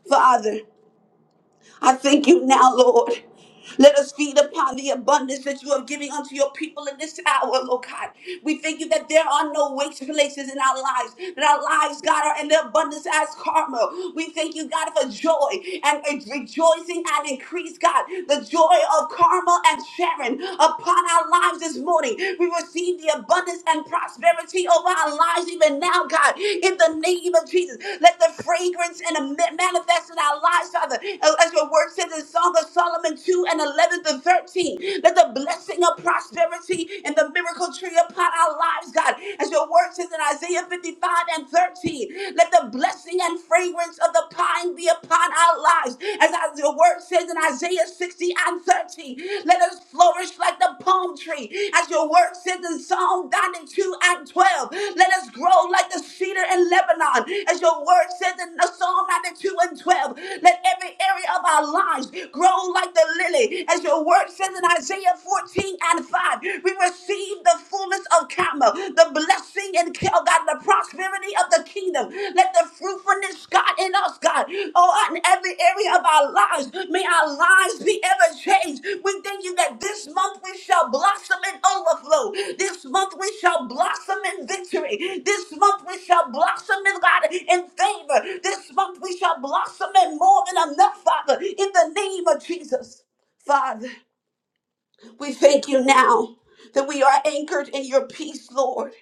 [SPEAKER 4] Father. I thank you now, Lord. Let us feed upon the abundance that you are giving unto your people in this hour, Lord God. We thank you that there are no waste places in our lives, that our lives, God, are in the abundance as Carmel. We thank you, God, for joy and re- rejoicing and increase, God. The joy of Carmel and Sharon upon our lives this morning. We receive the abundance and prosperity authority over our lives even now, God, in the name of Jesus. Let the fragrance and a ma- manifest in our lives, Father, Uh, as your word says in Song of Solomon 2 and 11 to 13. Let the blessing of prosperity and the miracle tree upon our lives, God, as your word says in Isaiah 55 and 13. Let the blessing and fragrance of the pine be upon our lives, as your word says in Isaiah 60 and 30. Let us flourish like the palm tree, as your word says in Psalm 92 and 12. Let us grow like the cedar in Lebanon, as your word says in Psalm 92 and 12. Let every area of our lives grow like the lily, as your word says in Isaiah 14 and 5. We receive the fullness of Carmel, the blessing in God, the prosperity of the kingdom. Let the fruitfulness, God, in us, God, oh, in every area of our lives, may our lives be ever changed. We thank you that this month we shall blossom in overflow. This month we shall blossom in victory. This month we shall blossom in God in favor. This month we shall blossom in more than enough, Father, in the name of Jesus. Father, we thank you now that we are anchored in your peace, Lord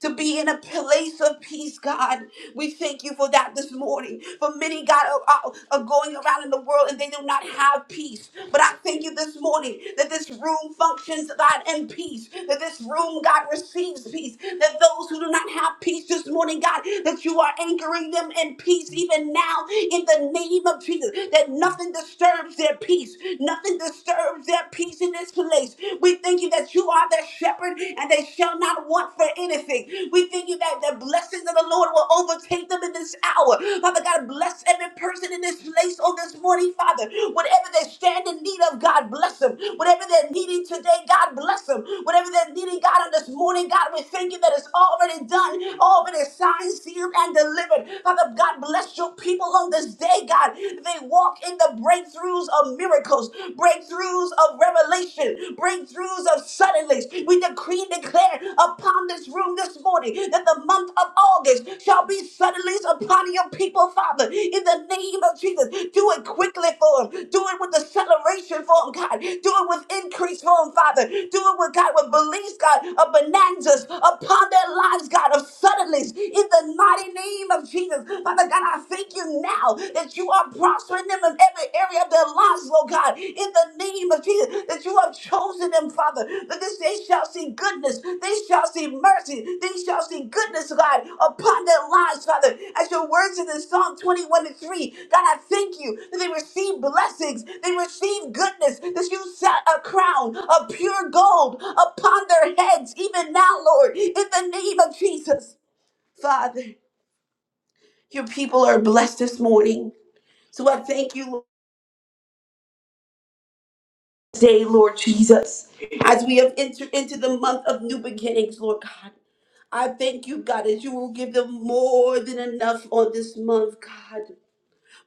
[SPEAKER 4] to be in a place of peace, God. We thank you for that this morning. For many, God, are, are are going around in the world and they do not have peace. But I thank you this morning that this room functions, God, in peace. That this room, God, receives peace. That those who do not have peace this morning, God, that you are anchoring them in peace even now in the name of Jesus. That nothing disturbs their peace. Nothing disturbs their peace in this place. We thank you thank you that you are their shepherd and they shall not want for anything. We thank you that the blessings of the Lord will overtake them in this hour. Father God, bless every person in this place on this morning, Father. Whatever they stand in need of, God bless them. Whatever they're needing today, God bless them. Whatever they're needing, God, on this morning, God, we thank you that it's already done, already signed, sealed, and delivered. Father God, bless your people on this day, God. They walk in the breakthroughs of miracles of miracles, breakthroughs of revelation, breakthroughs of suddenlies. We decree and declare upon this room this morning that the month of August shall be suddenlies upon your people, Father, in the name of Jesus. Do it quickly for them. Do it with acceleration for them, God. Do it with increase for them, Father. Do it with God, with beliefs, God, of bonanzas upon their lives, God, of suddenlies, in the mighty name of Jesus. Father God, I thank you you now that you are prospering them in every area of their lives, Lord God, in the name of Jesus, that you have chosen them, Father, that this they shall see goodness, they shall see mercy, they shall see goodness, God, upon their lives, Father. As your words in the Psalm 21 and 3, God, I thank you that they receive blessings, they receive goodness, that you set a crown of pure gold upon their heads, even now, Lord, in the name of Jesus. Father, your people are blessed this morning. So I thank you Lord, today, Lord Jesus, as we have entered into the month of new beginnings, Lord God. I thank you, God, that you will give them more than enough on this month, God.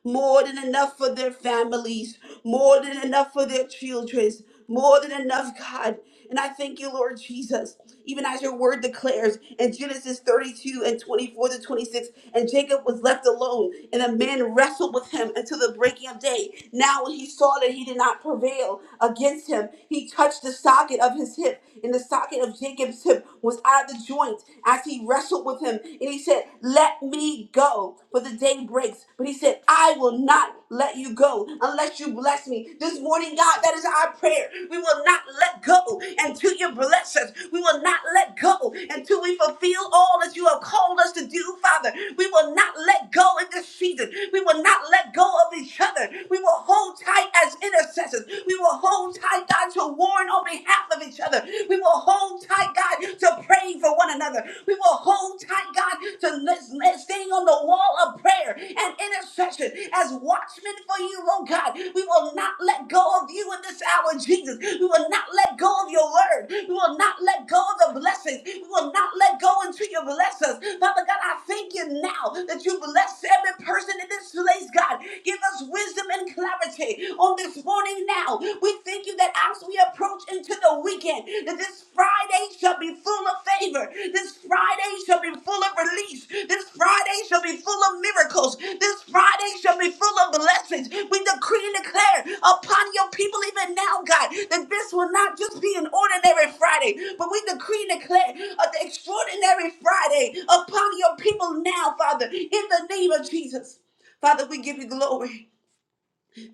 [SPEAKER 4] more than enough for their families, more than enough for their children, more than enough, God. And I thank you, Lord Jesus, even as your word declares in Genesis 32 and 24 to 26, and Jacob was left alone, and a man wrestled with him until the breaking of day. Now, when he saw that he did not prevail against him, he touched the socket of his hip, and the socket of Jacob's hip was out of the joint as he wrestled with him and he said, Let me go, for the day breaks. But he said, I will not let you go unless you bless me. This morning, God, that is our prayer. We will not let go until you bless us. We will not let go until we fulfill all that you have called us to do, Father. We will not let go in this season. We will not let go of each other. We will hold tight as intercessors. We will hold tight, God, to warn on behalf of each other. We will will hold tight, God, to praying for one another. We will hold tight, God, to let's, let's staying on the wall of prayer and intercession as watchmen for you, oh God. We will not let go of you in this hour, Jesus. We will not let go of your word. We will not let go of the blessings. We will not let go until you bless us. Father God, I thank you now that you bless every person in this place, God. God. Give us wisdom and clarity on this morning now. We thank you that as we approach into the weekend, that this Friday shall be full of favor. This Friday shall be full of release. This Friday shall be full of miracles. This Friday shall be full of blessings. We decree and declare upon your people even now, God, that this will not just be an ordinary Friday, but we decree and declare an extraordinary Friday upon your people now, Father, in the name of Jesus. Father, we give you glory.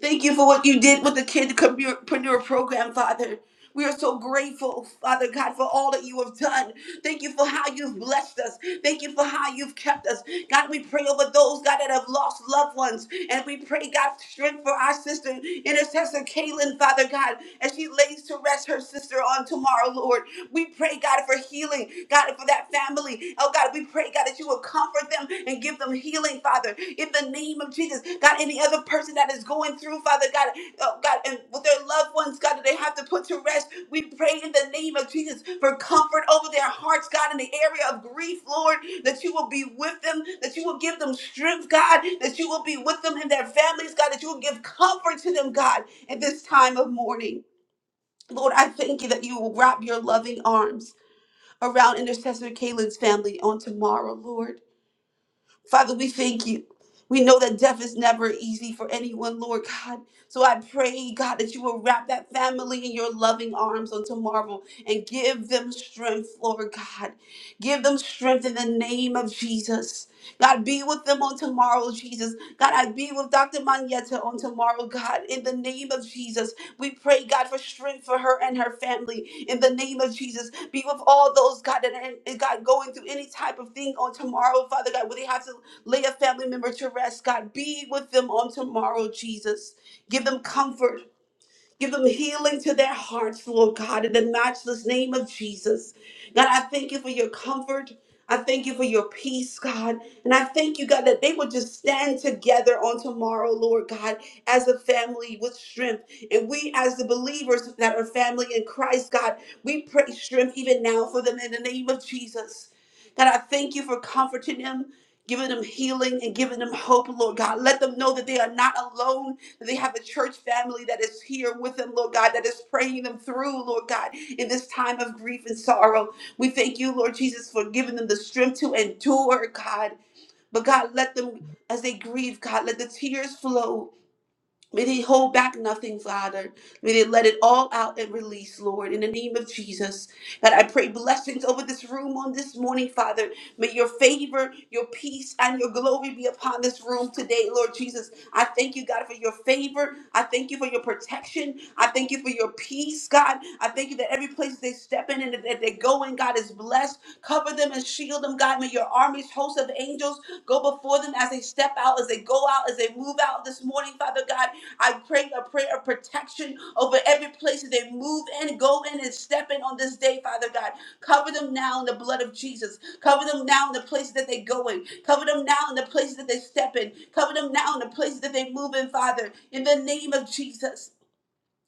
[SPEAKER 4] Thank you for what you did with the Kidpreneur Program, Father. We are so grateful, Father God, for all that you have done. Thank you for how you've blessed us. Thank you for how you've kept us. God, we pray over those, God, that have lost loved ones. And we pray, God, strength for our sister, intercessor Kaylin, Father God, as she lays to rest her sister on tomorrow, Lord. We pray, God, for healing, God, for that family family. Oh God, we pray, God, that you will comfort them and give them healing, Father, in the name of Jesus. God, any other person that is going through, Father, God, oh God, and with their loved ones, God, that they have to put to rest, we pray in the name of Jesus for comfort over their hearts, God, in the area of grief, Lord, that you will be with them, that you will give them strength, God, that you will be with them and their families, God, that you will give comfort to them, God, at this time of mourning. Lord, I thank you that you will wrap your loving arms around Intercessor Kaylin's family on tomorrow, Lord. Father, we thank you. We know that death is never easy for anyone, Lord God. So I pray, God, that you will wrap that family in your loving arms on tomorrow and give them strength, Lord God. Give them strength in the name of Jesus. God, be with them on tomorrow, Jesus. God, I be with Dr. Manietta on tomorrow, God, in the name of Jesus. We pray, God, for strength for her and her family in the name of Jesus. Be with all those, God, that are in- eh, God going through any type of thing on tomorrow, Father God, where they have to lay a family member to rest. God, be with them on tomorrow, Jesus. Give them comfort. Give them healing to their hearts, Lord God, in the matchless name of Jesus. God, I thank you for your comfort. I thank you for your peace, God. And I thank you, God, that they would just stand together on tomorrow, Lord God, as a family with strength. And we, as the believers that are family in Christ, God, we pray strength even now for them in the name of Jesus. God, I thank you for comforting them, giving them healing, and giving them hope, Lord God. Let them know that they are not alone they have a church family that is here with them, Lord God, that is praying them through, Lord God, in this time of grief and sorrow. We thank you, Lord Jesus, for giving them the strength to endure, God. But God, let them, as they grieve, God, let the tears flow. May they hold back nothing, Father. May they let it all out and release, Lord, in the name of Jesus. God, I pray blessings over this room on this morning, Father. May your favor, your peace, and your glory be upon this room today, Lord Jesus. I thank you, God, for your favor. I thank you for your protection. I thank you for your peace, God. I thank you that every place they step in and that they go in, God, is blessed. Cover them and shield them, God. May your armies, hosts of angels, go before them as they step out, as they go out, as they move out this morning, Father God. I pray a prayer of protection over every place that they move in, go in, and step in on this day, Father God. Cover them now in the blood of Jesus. Cover them now in the places that they go in. Cover them now in the places that they step in. Cover them now in the places that they move in, Father, in the name of Jesus.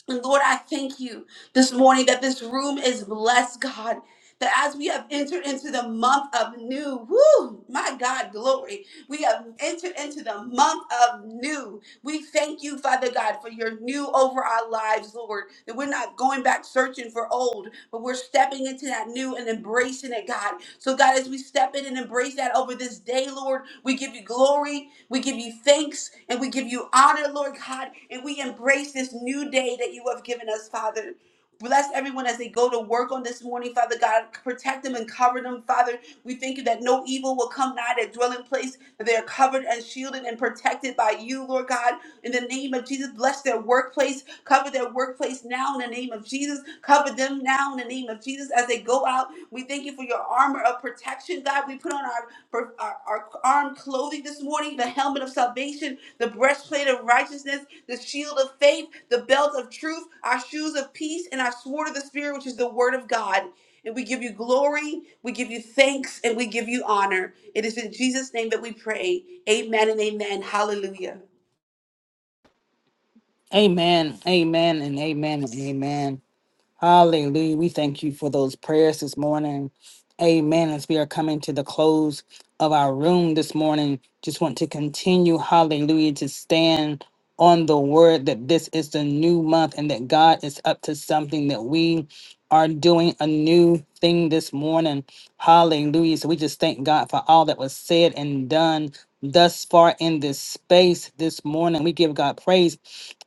[SPEAKER 4] And Lord, I thank you this morning that this room is blessed, God. That as we have entered into the month of new, woo, my God, glory. We have entered into the month of new. We thank you, Father God, for your new over our lives, Lord. That we're not going back searching for old, but we're stepping into that new and embracing it, God. So, God, as we step in and embrace that over this day, Lord, we give you glory, we give you thanks, and we give you honor, Lord God, and we embrace this new day that you have given us, Father. Bless everyone as they go to work on this morning, Father God. Protect them and cover them, Father. We thank you that no evil will come nigh their dwelling place, that they are covered and shielded and protected by you, Lord God. In the name of Jesus, bless their workplace. Cover their workplace now in the name of Jesus. Cover them now in the name of Jesus as they go out we thank you for your armor of protection, God. We put on our, our, our armed clothing this morning, the helmet of salvation, the breastplate of righteousness, the shield of faith, the belt of truth, our shoes of peace, and our sword of the Spirit, which is the word of God. And we give you glory, we give you thanks, and we give you honor. It is in Jesus' name that we pray. Amen and amen. Hallelujah.
[SPEAKER 1] Amen. Amen. And amen. And amen. Hallelujah. We thank you for those prayers this morning. Amen. As we are coming to the close of our room this morning, just want to continue, hallelujah, to stand on the word that this is the new month and that God is up to something that we are doing a new thing this morning. Hallelujah. So we just thank God for all that was said and done thus far in this space this morning. We give God praise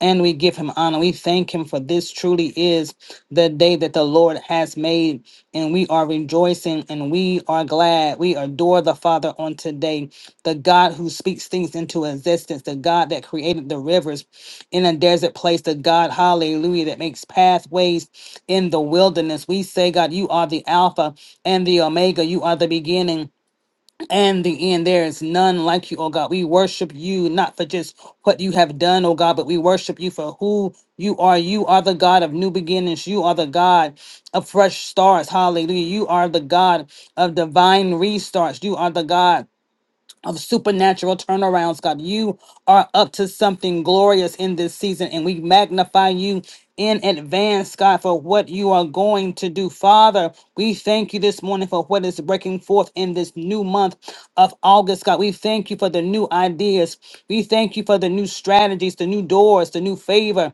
[SPEAKER 1] and we give him honor. We thank him for this truly is the day that the Lord has made, and we are rejoicing and we are glad. We adore the Father on today, the God who speaks things into existence, the God that created the rivers in a desert place, the God, hallelujah, that makes pathways in the wilderness. We say, God, you are the Alpha and the Omega, you are the beginning and the end. There is none like you, oh God. We worship you not for just what you have done, oh God, but we worship you for who you are. You are the God of new beginnings. You are the God of fresh starts. Hallelujah. You are the God of divine restarts. You are the God of supernatural turnarounds, God. You are up to something glorious in this season, and we magnify you in advance, God, for what you are going to do. Father, we thank you this morning for what is breaking forth in this new month of August, God. We thank you for the new ideas. We thank you for the new strategies, the new doors, the new favor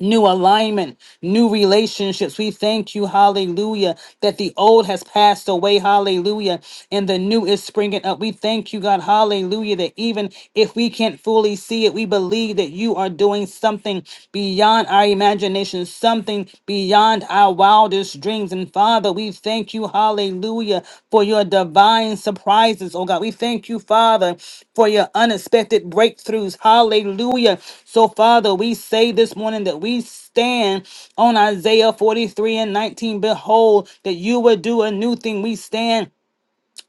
[SPEAKER 1] new alignment, new relationships. We thank you, hallelujah, that the old has passed away, hallelujah, and the new is springing up. We thank you, God, hallelujah, that even if we can't fully see it, we believe that you are doing something beyond our imagination, something beyond our wildest wilderness dreams. And Father, we thank you, hallelujah, for your divine surprises, oh God. We thank you, Father, for your unexpected breakthroughs, hallelujah. So, Father, we say this morning that we stand on Isaiah 43 and 19. Behold, that you will do a new thing. We stand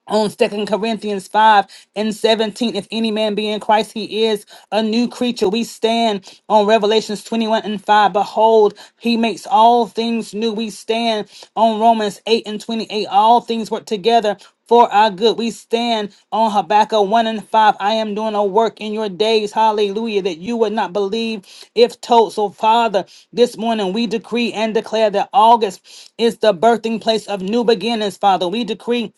[SPEAKER 1] on Second Corinthians 5 and 17. If any man be in Christ, he is a new creature. We stand on Revelations 21 and 5. Behold, he makes all things new. We stand on Romans 8 and 28. All things work together for our good. We stand on Habakkuk 1 and 5. I am doing a work in your days, hallelujah, that you would not believe if told. So, Father, this morning we decree and declare that August is the birthing place of new beginnings, Father. We decree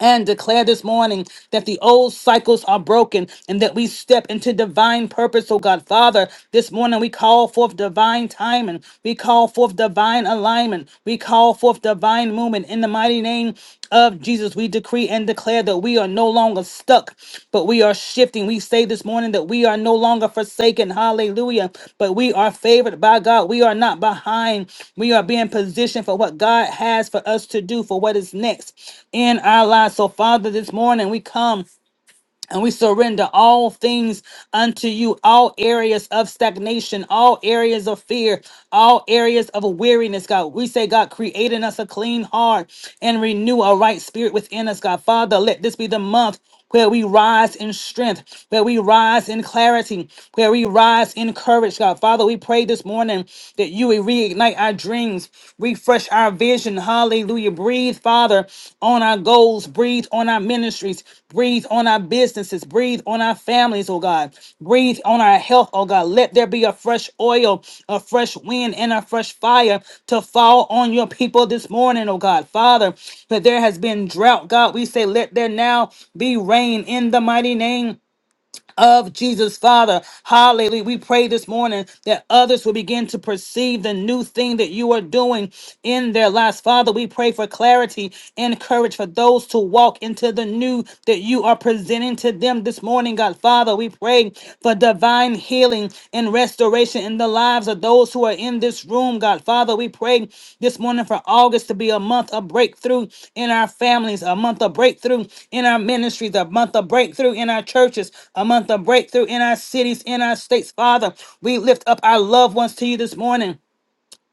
[SPEAKER 1] and declare this morning that the old cycles are broken and that we step into divine purpose, oh God. Father, this morning we call forth divine timing. We call forth divine alignment. We call forth divine movement. In the mighty name of Jesus, we decree and declare that we that we are no longer stuck, but we are shifting. We say this morning that we are no longer forsaken. Hallelujah. But we are favored by God. We are not behind. We are being positioned for what God has for us to do, for what is next in our lives. So, Father, this morning we come. And we surrender all things unto you, all areas of stagnation, all areas of fear, all areas of weariness, God. We say, God, create in us a clean heart and renew a right spirit within us, God. Father, let this be the month where we rise in strength, where we rise in clarity, where we rise in courage, God. Father, we pray this morning that you will reignite our dreams, visions, refresh our vision. Hallelujah. Breathe, Father, on our goals, breathe on our ministries, breathe on our businesses, breathe on our families, oh God. Breathe on our health, oh God. Let there be a fresh oil, a fresh wind, and a fresh fire to fall on your people this morning, oh God. Father, that there has been drought, God, we say, let there now be rain in the mighty name of Jesus, Father. Hallelujah. We pray this morning that others will begin to perceive the new thing that you are doing in their lives. Father, we pray for clarity and courage for those to walk into the new that you are presenting to them this morning, God. Father, we pray for divine healing and and restoration in the lives of those who are in this room, God. Father, we pray this morning for August to be a month of breakthrough in our families, a month of breakthrough in our ministries, a month of breakthrough in our churches, a month of breakthrough in our cities, in our states. Father, we lift up our loved ones to you this morning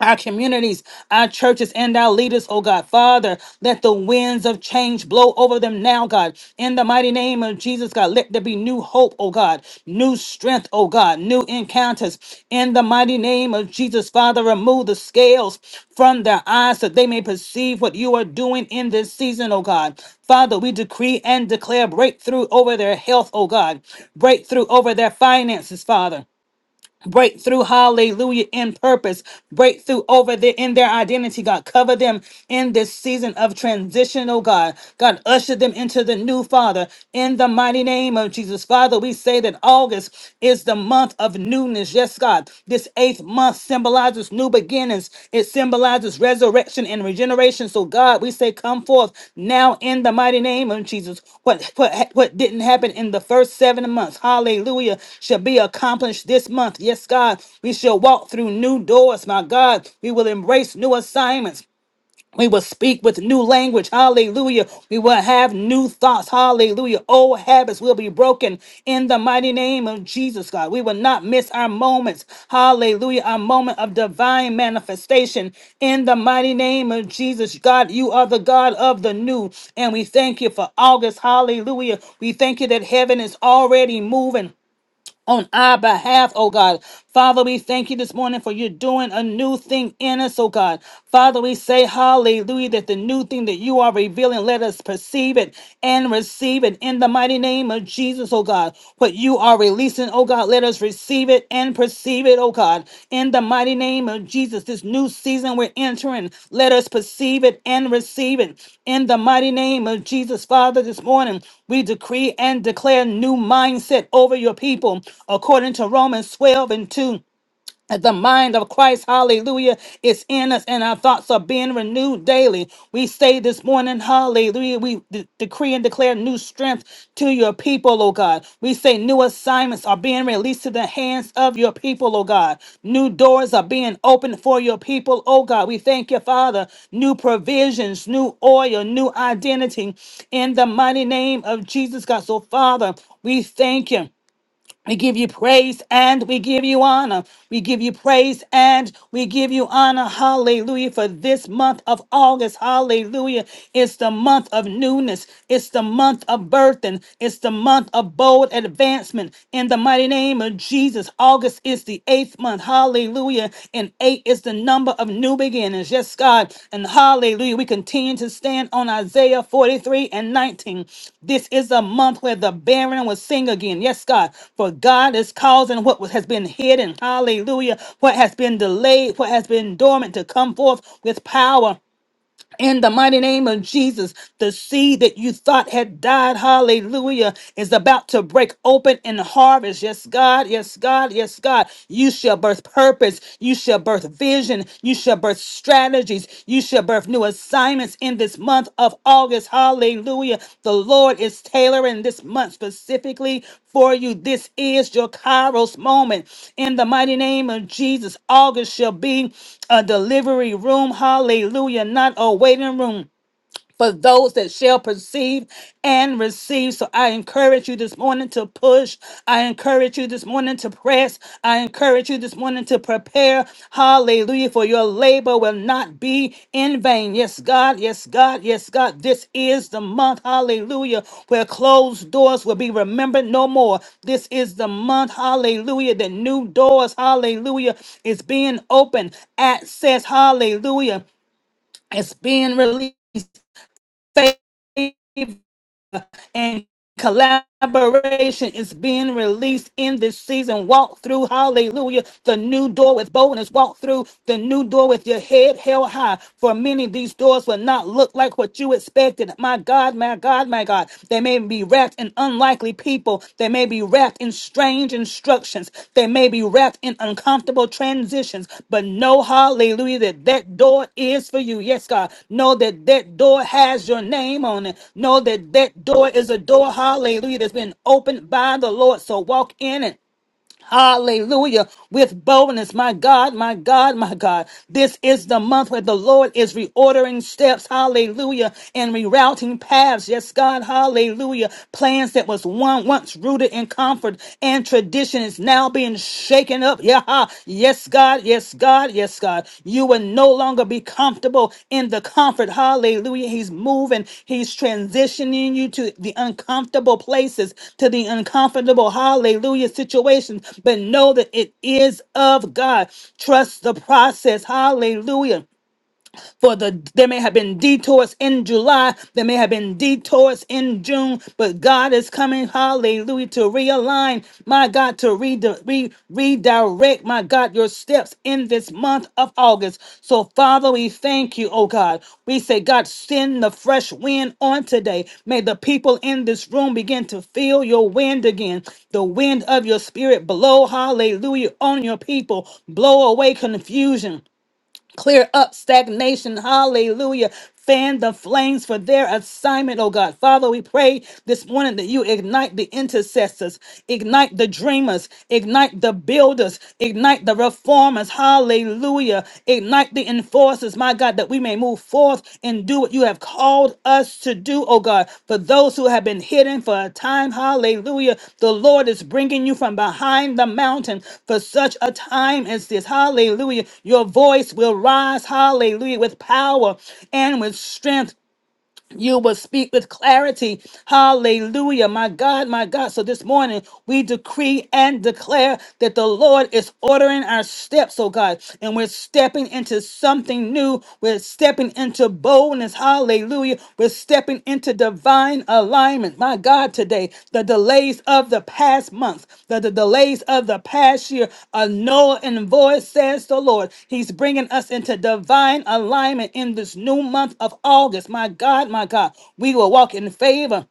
[SPEAKER 1] our communities, our churches, and our leaders, oh God. Father, let the winds of change blow over them now, God. In the mighty name of Jesus, God, let there be new hope, oh God, new strength, oh God, new encounters. In the mighty name of Jesus, Father, remove the scales from their eyes that they may perceive what you are doing in this season, oh God. Father, we decree and declare breakthrough over their health, oh God, breakthrough over their finances, Father breakthrough hallelujah in purpose breakthrough over their in their identity god cover them in this season of transition oh god god usher them into the new father in the mighty name of jesus father we say that august is the month of newness yes god this eighth month symbolizes new beginnings. It symbolizes resurrection and regeneration. So, God, we say, come forth now in the mighty name of Jesus. What, what, what didn't happen in the first seven months, hallelujah, shall be accomplished this month. Yes, God, we shall walk through new doors, my God. We will embrace new assignments. We will speak with new language. Hallelujah. We will have new thoughts. Hallelujah. Old habits will be broken in the mighty name of Jesus, God. We will not miss our moments. Hallelujah. Our moment of divine manifestation in the mighty name of Jesus. God, you are the God of the new. And we thank you for August. Hallelujah. We thank you that heaven is already moving on our behalf, oh God. Father, we thank you this morning for you doing a new thing in us, oh God. Father, we say hallelujah that the new thing that you are revealing, let us perceive it and receive it in the mighty name of Jesus, oh God. What you are releasing, oh God, let us receive. it believe it and perceive it, oh God. In the mighty name of Jesus, this new season we're entering, let us perceive it and receive it. In the mighty name of Jesus, Father, this morning we decree and declare new mindset over your people according to Romans 12 and 2. As The mind of Christ, hallelujah, is in us, and our thoughts are being renewed daily. We say this morning, hallelujah, we de- decree and declare new strength to your people, oh God. We say new assignments are being released to the hands of your people, oh God. New doors are being opened for your people, oh God. We thank you, Father. New provisions, new oil, new identity in the mighty name of Jesus, God. So, Father, we thank you. We give you praise and we give you honor. We give you praise and we give you honor. Hallelujah. For this month of August, hallelujah. It's the month of newness. It's the month of birthing. It's the month of bold advancement. In the mighty name of Jesus, August is the eighth month. Hallelujah. Hallelujah. And eight is the number of new beginnings. Yes, God. And hallelujah. We continue to stand on Isaiah 43 and 19. This is a month where the barren will sing again. Yes, God. For God is causing what was- has been hidden. Hallelujah. What has been delayed, what has been dormant to come forth with power. In the mighty name of Jesus, the seed that you thought had died, hallelujah, is about to break open and harvest. Yes, God, yes, God, yes, God. You shall birth purpose. You shall birth vision. You shall birth strategies. You shall birth new assignments in this month of August. Hallelujah. The Lord is tailoring this month specifically for you. This is your Kairos moment. In the mighty name of Jesus, August shall be a delivery room. Hallelujah. Not a waiting room for those that shall perceive and receive. So I encourage you this morning to push. I encourage you this morning to press. I encourage you this morning to prepare. Hallelujah. For your labor will not be in vain. Yes, God. Yes, God. Yes, God. This is the month. Hallelujah. Where closed doors will be remembered no more. This is the month. Hallelujah. That new doors. Hallelujah. Is being opened. Access. Hallelujah. It's being released favor and collaboration is being released in this season. Walk through, hallelujah, the new door with boldness. Walk through the new door with your head held high. For many, these doors will not look like what you expected. My God, my God, my God. They may be wrapped in unlikely people people. They may be wrapped in strange instructions. They may be wrapped in uncomfortable transitions, but know, hallelujah, that that door is for you. Yes, God. Know that that door has your name on it. Know that that door is a door, hallelujah, that's been opened by the Lord. So walk in it Hallelujah. With boldness. My God, my God, my God. This is the month where the Lord is reordering steps. Hallelujah. And rerouting paths. Yes, God. Hallelujah. Plans that was one once rooted in comfort and tradition is now being shaken up. Yeah. Yes, God. God, yes, God, yes, God. You will no longer be comfortable in the comfort. Hallelujah. He's moving, He's transitioning you to the uncomfortable places, to the uncomfortable, hallelujah, situations. But know that it is of God. Trust the process. Hallelujah for the there may have been detours in July, there may have been detours in June, but God is coming, hallelujah, to realign, my God, to redi- re- redirect, my God, your steps in this month of August. So, Father, we thank you, oh God. We say, God, send the fresh wind on today. May the people in this room begin to feel your wind again. The wind of your spirit blow, hallelujah, on your people. Blow away confusion. Clear up stagnation. Hallelujah. Fan the flames for their assignment, oh God. Father, we pray this morning that you ignite the intercessors, ignite the dreamers, ignite the builders, ignite the reformers. Hallelujah. Ignite the enforcers, my God, that we may may move forth and do what you have called us to do, oh God. For those who have been hidden for a time, hallelujah, the Lord is bringing you from behind the mountain for such a time as this, hallelujah. Your voice will rise, hallelujah, with power and with strength you will speak with clarity. Hallelujah. My God, my God. So this morning we decree and declare that the Lord is ordering our steps, oh God, and we're stepping into something new. We're stepping into boldness. Hallelujah. We're stepping into divine alignment. My God, today, the delays of the past month, the, the delays of the past year are null and void, says the Lord. He's bringing us into divine alignment in this new month of August. My God, my God, we will walk in favor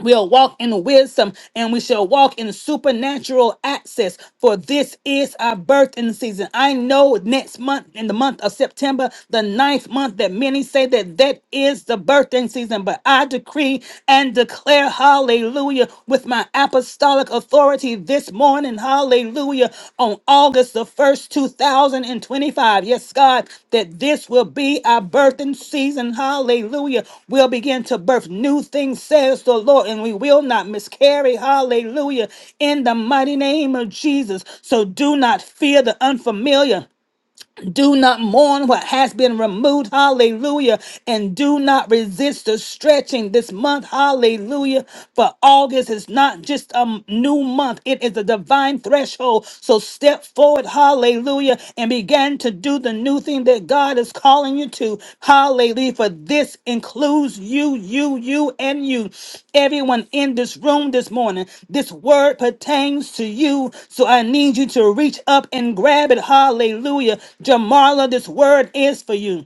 [SPEAKER 1] We'll walk in wisdom and we shall walk in supernatural access, for this is our birthing season. I know next month, in the month of September, the ninth month, that many say that that is the birthing season, but I decree and declare, hallelujah, with my apostolic authority this morning morning, hallelujah, on August the 1st, 2025. Yes, God, that this will be our birthing season, hallelujah. We'll begin to birth new things, says the Lord, and we will not miscarry, hallelujah, in the mighty name of Jesus. So do not fear the unfamiliar. Do not mourn what has been removed. Hallelujah. And do not resist the stretching this month. Hallelujah. For August is not just a new month, it is a divine threshold. So step forward. Hallelujah. And begin to do the new thing that that God is calling you to. Hallelujah. For this includes you, you, you, and you. Everyone in this room this morning, this word pertains to you. So I need you to reach up and grab it. Hallelujah. Jamarla, this word is for you.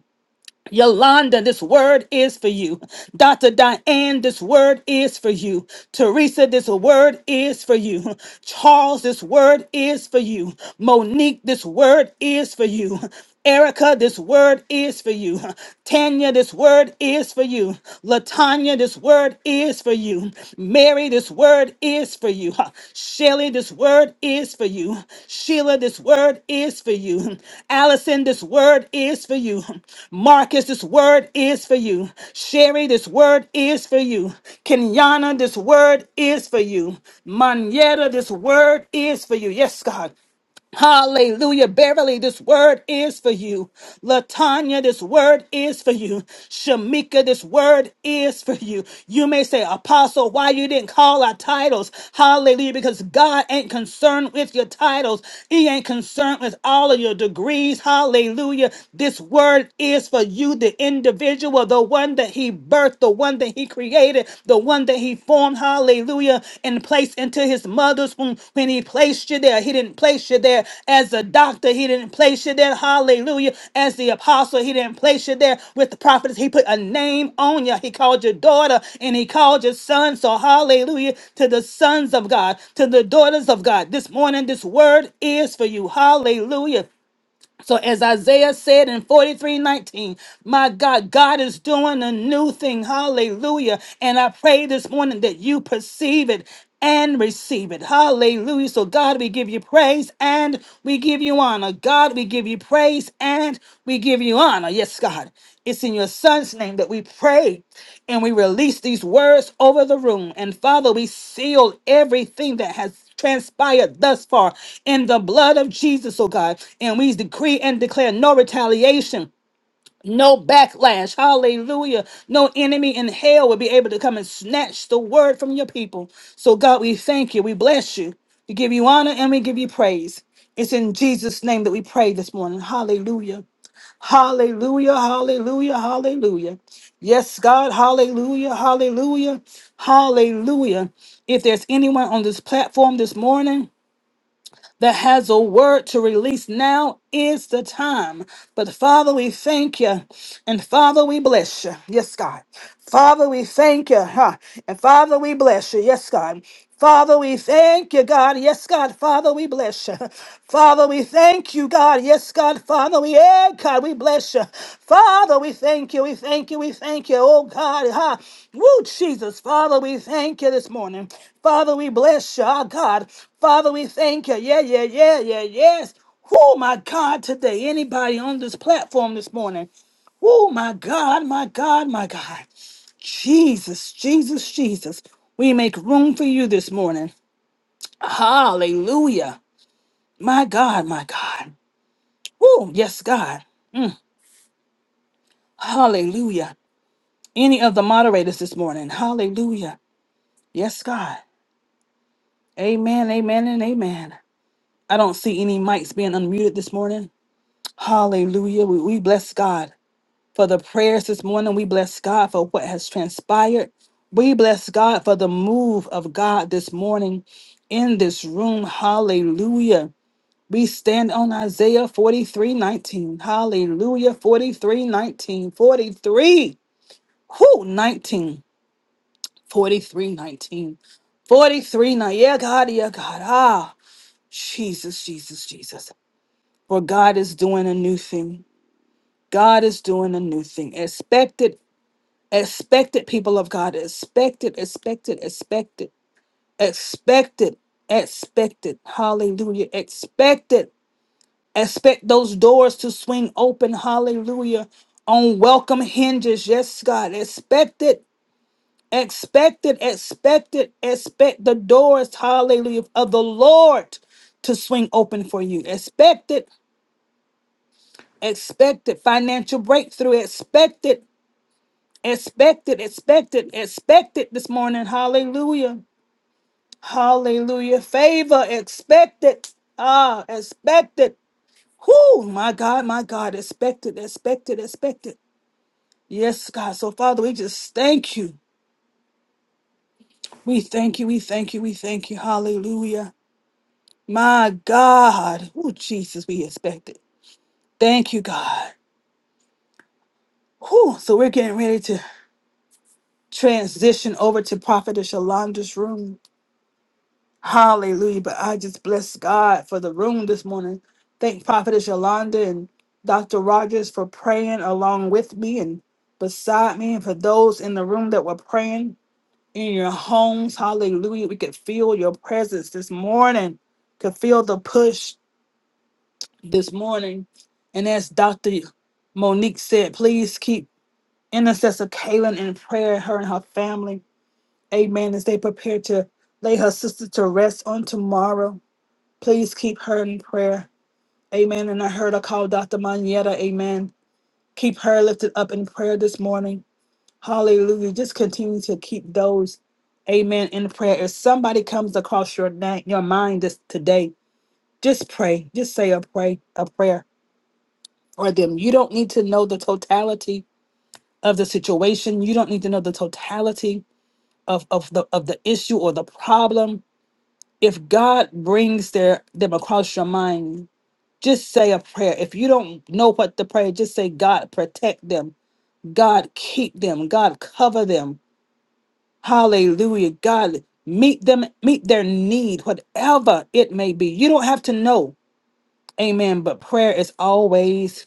[SPEAKER 1] Yolanda, this word is for you. Dr. Diane, this word is for you. Teresa, this word is for you. Charles, this word is for you. Monique, this word is for you. Erica, this word is for you. Tanya, this word is for you. Latanya, this word is for you. Mary, this word is for you. Huh. Shelly, this word is for you. Sheila, this word is for you. Allison, this word is for you. Marcus, this word is for you. Sherry, this word is for you. Kenyana, this word is for you. Manetta, this word is for you. Yes, God. Hallelujah. Beverly, this word is for you. Latanya, this word is for you. Shamika, this word is for you. You may say, Apostle, why you didn't call our titles? Hallelujah. Because God ain't concerned with your titles. He ain't concerned with all of your degrees. Hallelujah. This word is for you, the individual, the one that he birthed, the one that he created created, the one that he formed, hallelujah, and placed into his mother's womb when he placed you there. He didn't place you there as a doctor, he didn't place you there, hallelujah, as the apostle, he didn't place you there with the prophets. He put a name on you. He called your daughter and he called your son. So hallelujah to the sons of God, to the daughters of God. This morning, this word is for you. Hallelujah. So as Isaiah said in 43:19, my God, God is doing a new thing. Hallelujah. And I pray this morning that you perceive it and receive it. Hallelujah. So God, we give you praise and we give you honor. God, we give you praise and we give you honor. Yes, God. It's in your son's name that we pray and we release these words over the room. And Father, we seal everything that has transpired thus far in the blood of Jesus, oh God. And we decree and declare no retaliation. No backlash, hallelujah. No enemy in hell will be able to come and snatch the word from your people. So, God, we thank you, we bless you, we give you honor, and we give you praise. It's in Jesus' name that we pray this morning, hallelujah. Hallelujah, hallelujah, hallelujah. Yes, God, hallelujah, hallelujah, hallelujah. If there's anyone on this platform this morning, that has a word to release. Now is the time. But Father, we thank you. And Father, we bless you. Yes, God. Father, we thank you. Huh? And Father, we bless you. Yes, God. Father, we thank you, God. Yes, God. Father, we bless you. Father, we thank you, God. Yes, God. Father, we, yeah, God, we bless you. Father, we thank you. We thank you. We thank you. Oh, God. huh? Woo, Jesus. Father, we thank you this morning. Father, we bless you, our God. Father, we thank you. Yeah, yeah, yeah, yeah, yes. Oh, my God, today, anybody on this platform this morning. Oh, my God, my God, my God. Jesus, Jesus, Jesus. We make room for you this morning. Hallelujah. My God, my God. Oh, yes, God. Hallelujah. Any of the moderators this morning. Hallelujah. Yes, God. Amen, amen, and amen. I don't see any mics being unmuted this morning. Hallelujah. We, we bless God. for the prayers this morning. We bless God for what has transpired. We bless God for the move of God this morning in this room. Hallelujah. We stand on Isaiah 43 19. Hallelujah. Forty-three nineteen. 43. Who? 19. 43 19. 43 19. Yeah, God. Yeah, God. Ah, Jesus, Jesus, Jesus. For God is doing a new thing. God is doing a new thing. Expect it Expect it, people of God. Expect it, expect it, expect it, expect it, expect it. Hallelujah. Expect it. Expect those doors to swing open. Hallelujah. On welcome hinges. Yes, God. Expect it. Expect it. Expect it. Expect the doors, hallelujah, of the Lord to swing open for you. Expect it. Expect it. Financial breakthrough. Expect it. Expected, expected, expected this morning. Hallelujah. Hallelujah. Favor, expected, Ah, expected. it. Whoo, my God, my God, expected, expected, expected. Yes, God. So, Father, we just thank you. We thank you, we thank you, we thank you. Hallelujah. My God. Oh, Jesus, we expected. Thank you, God. Whew. So we're getting ready to transition over to Prophetess Yolanda's room. Hallelujah. But I just bless God for the room this morning. Thank Prophetess Yolanda and Dr. Rogers for praying along with me and beside me, and for those in the room that were praying in your homes. Hallelujah. We could feel your presence this morning, could feel the push this morning. And as Dr. Monique said, please keep intercessor Kaylin in prayer, her and her family. Amen. As they prepare to lay her sister to rest on tomorrow. Please keep her in prayer. Amen. And I heard I call Dr. Manietta. Amen. Keep her lifted up in prayer this morning. Hallelujah. Just continue to keep those, amen, in prayer. If somebody comes across your, na- your mind this today, just pray. Just say a, pray, a prayer for them. You don't need to know the totality of the situation. You don't need to know the totality of, of, the, of the issue or the problem. If God brings their, them across your mind, Just say a prayer. If you don't know what to pray, just say, God, protect them. God, keep them. God, cover them. Hallelujah. God, meet them, meet their need, whatever it may be. You don't have to know. Amen. But prayer is always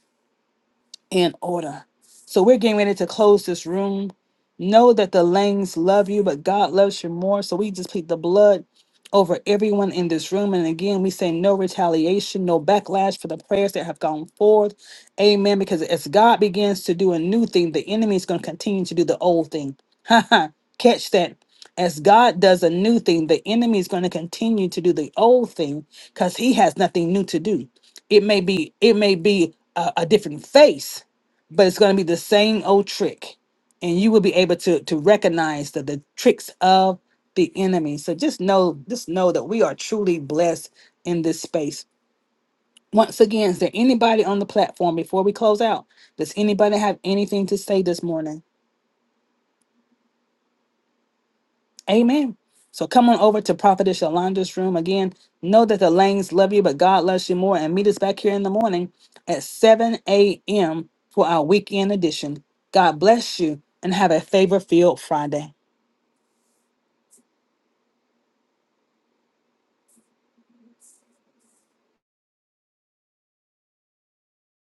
[SPEAKER 1] in order. So we're getting ready to close this room. Know that the Langs love you, but God loves you more. So we just plead the blood over everyone in this room. And again, we say no retaliation, no backlash for the prayers that have gone forth. Amen. Because as God begins to do a new thing, the enemy is going to continue to do the old thing. <laughs> Catch that. As God does a new thing, the enemy is going to continue to do the old thing because he has nothing new to do it may be it may be a, a different face but it's going to be the same old trick and you will be able to to recognize the, the tricks of the enemy so just know just know that we are truly blessed in this space once again is there anybody on the platform before we close out does anybody have anything to say this morning Amen. So come on over to Prophetess Yolanda's room again. Know that the Lanes love you, but God loves you more. And meet us back here in the morning at 7 a.m. for our weekend edition. God bless you and have a favor filled Friday.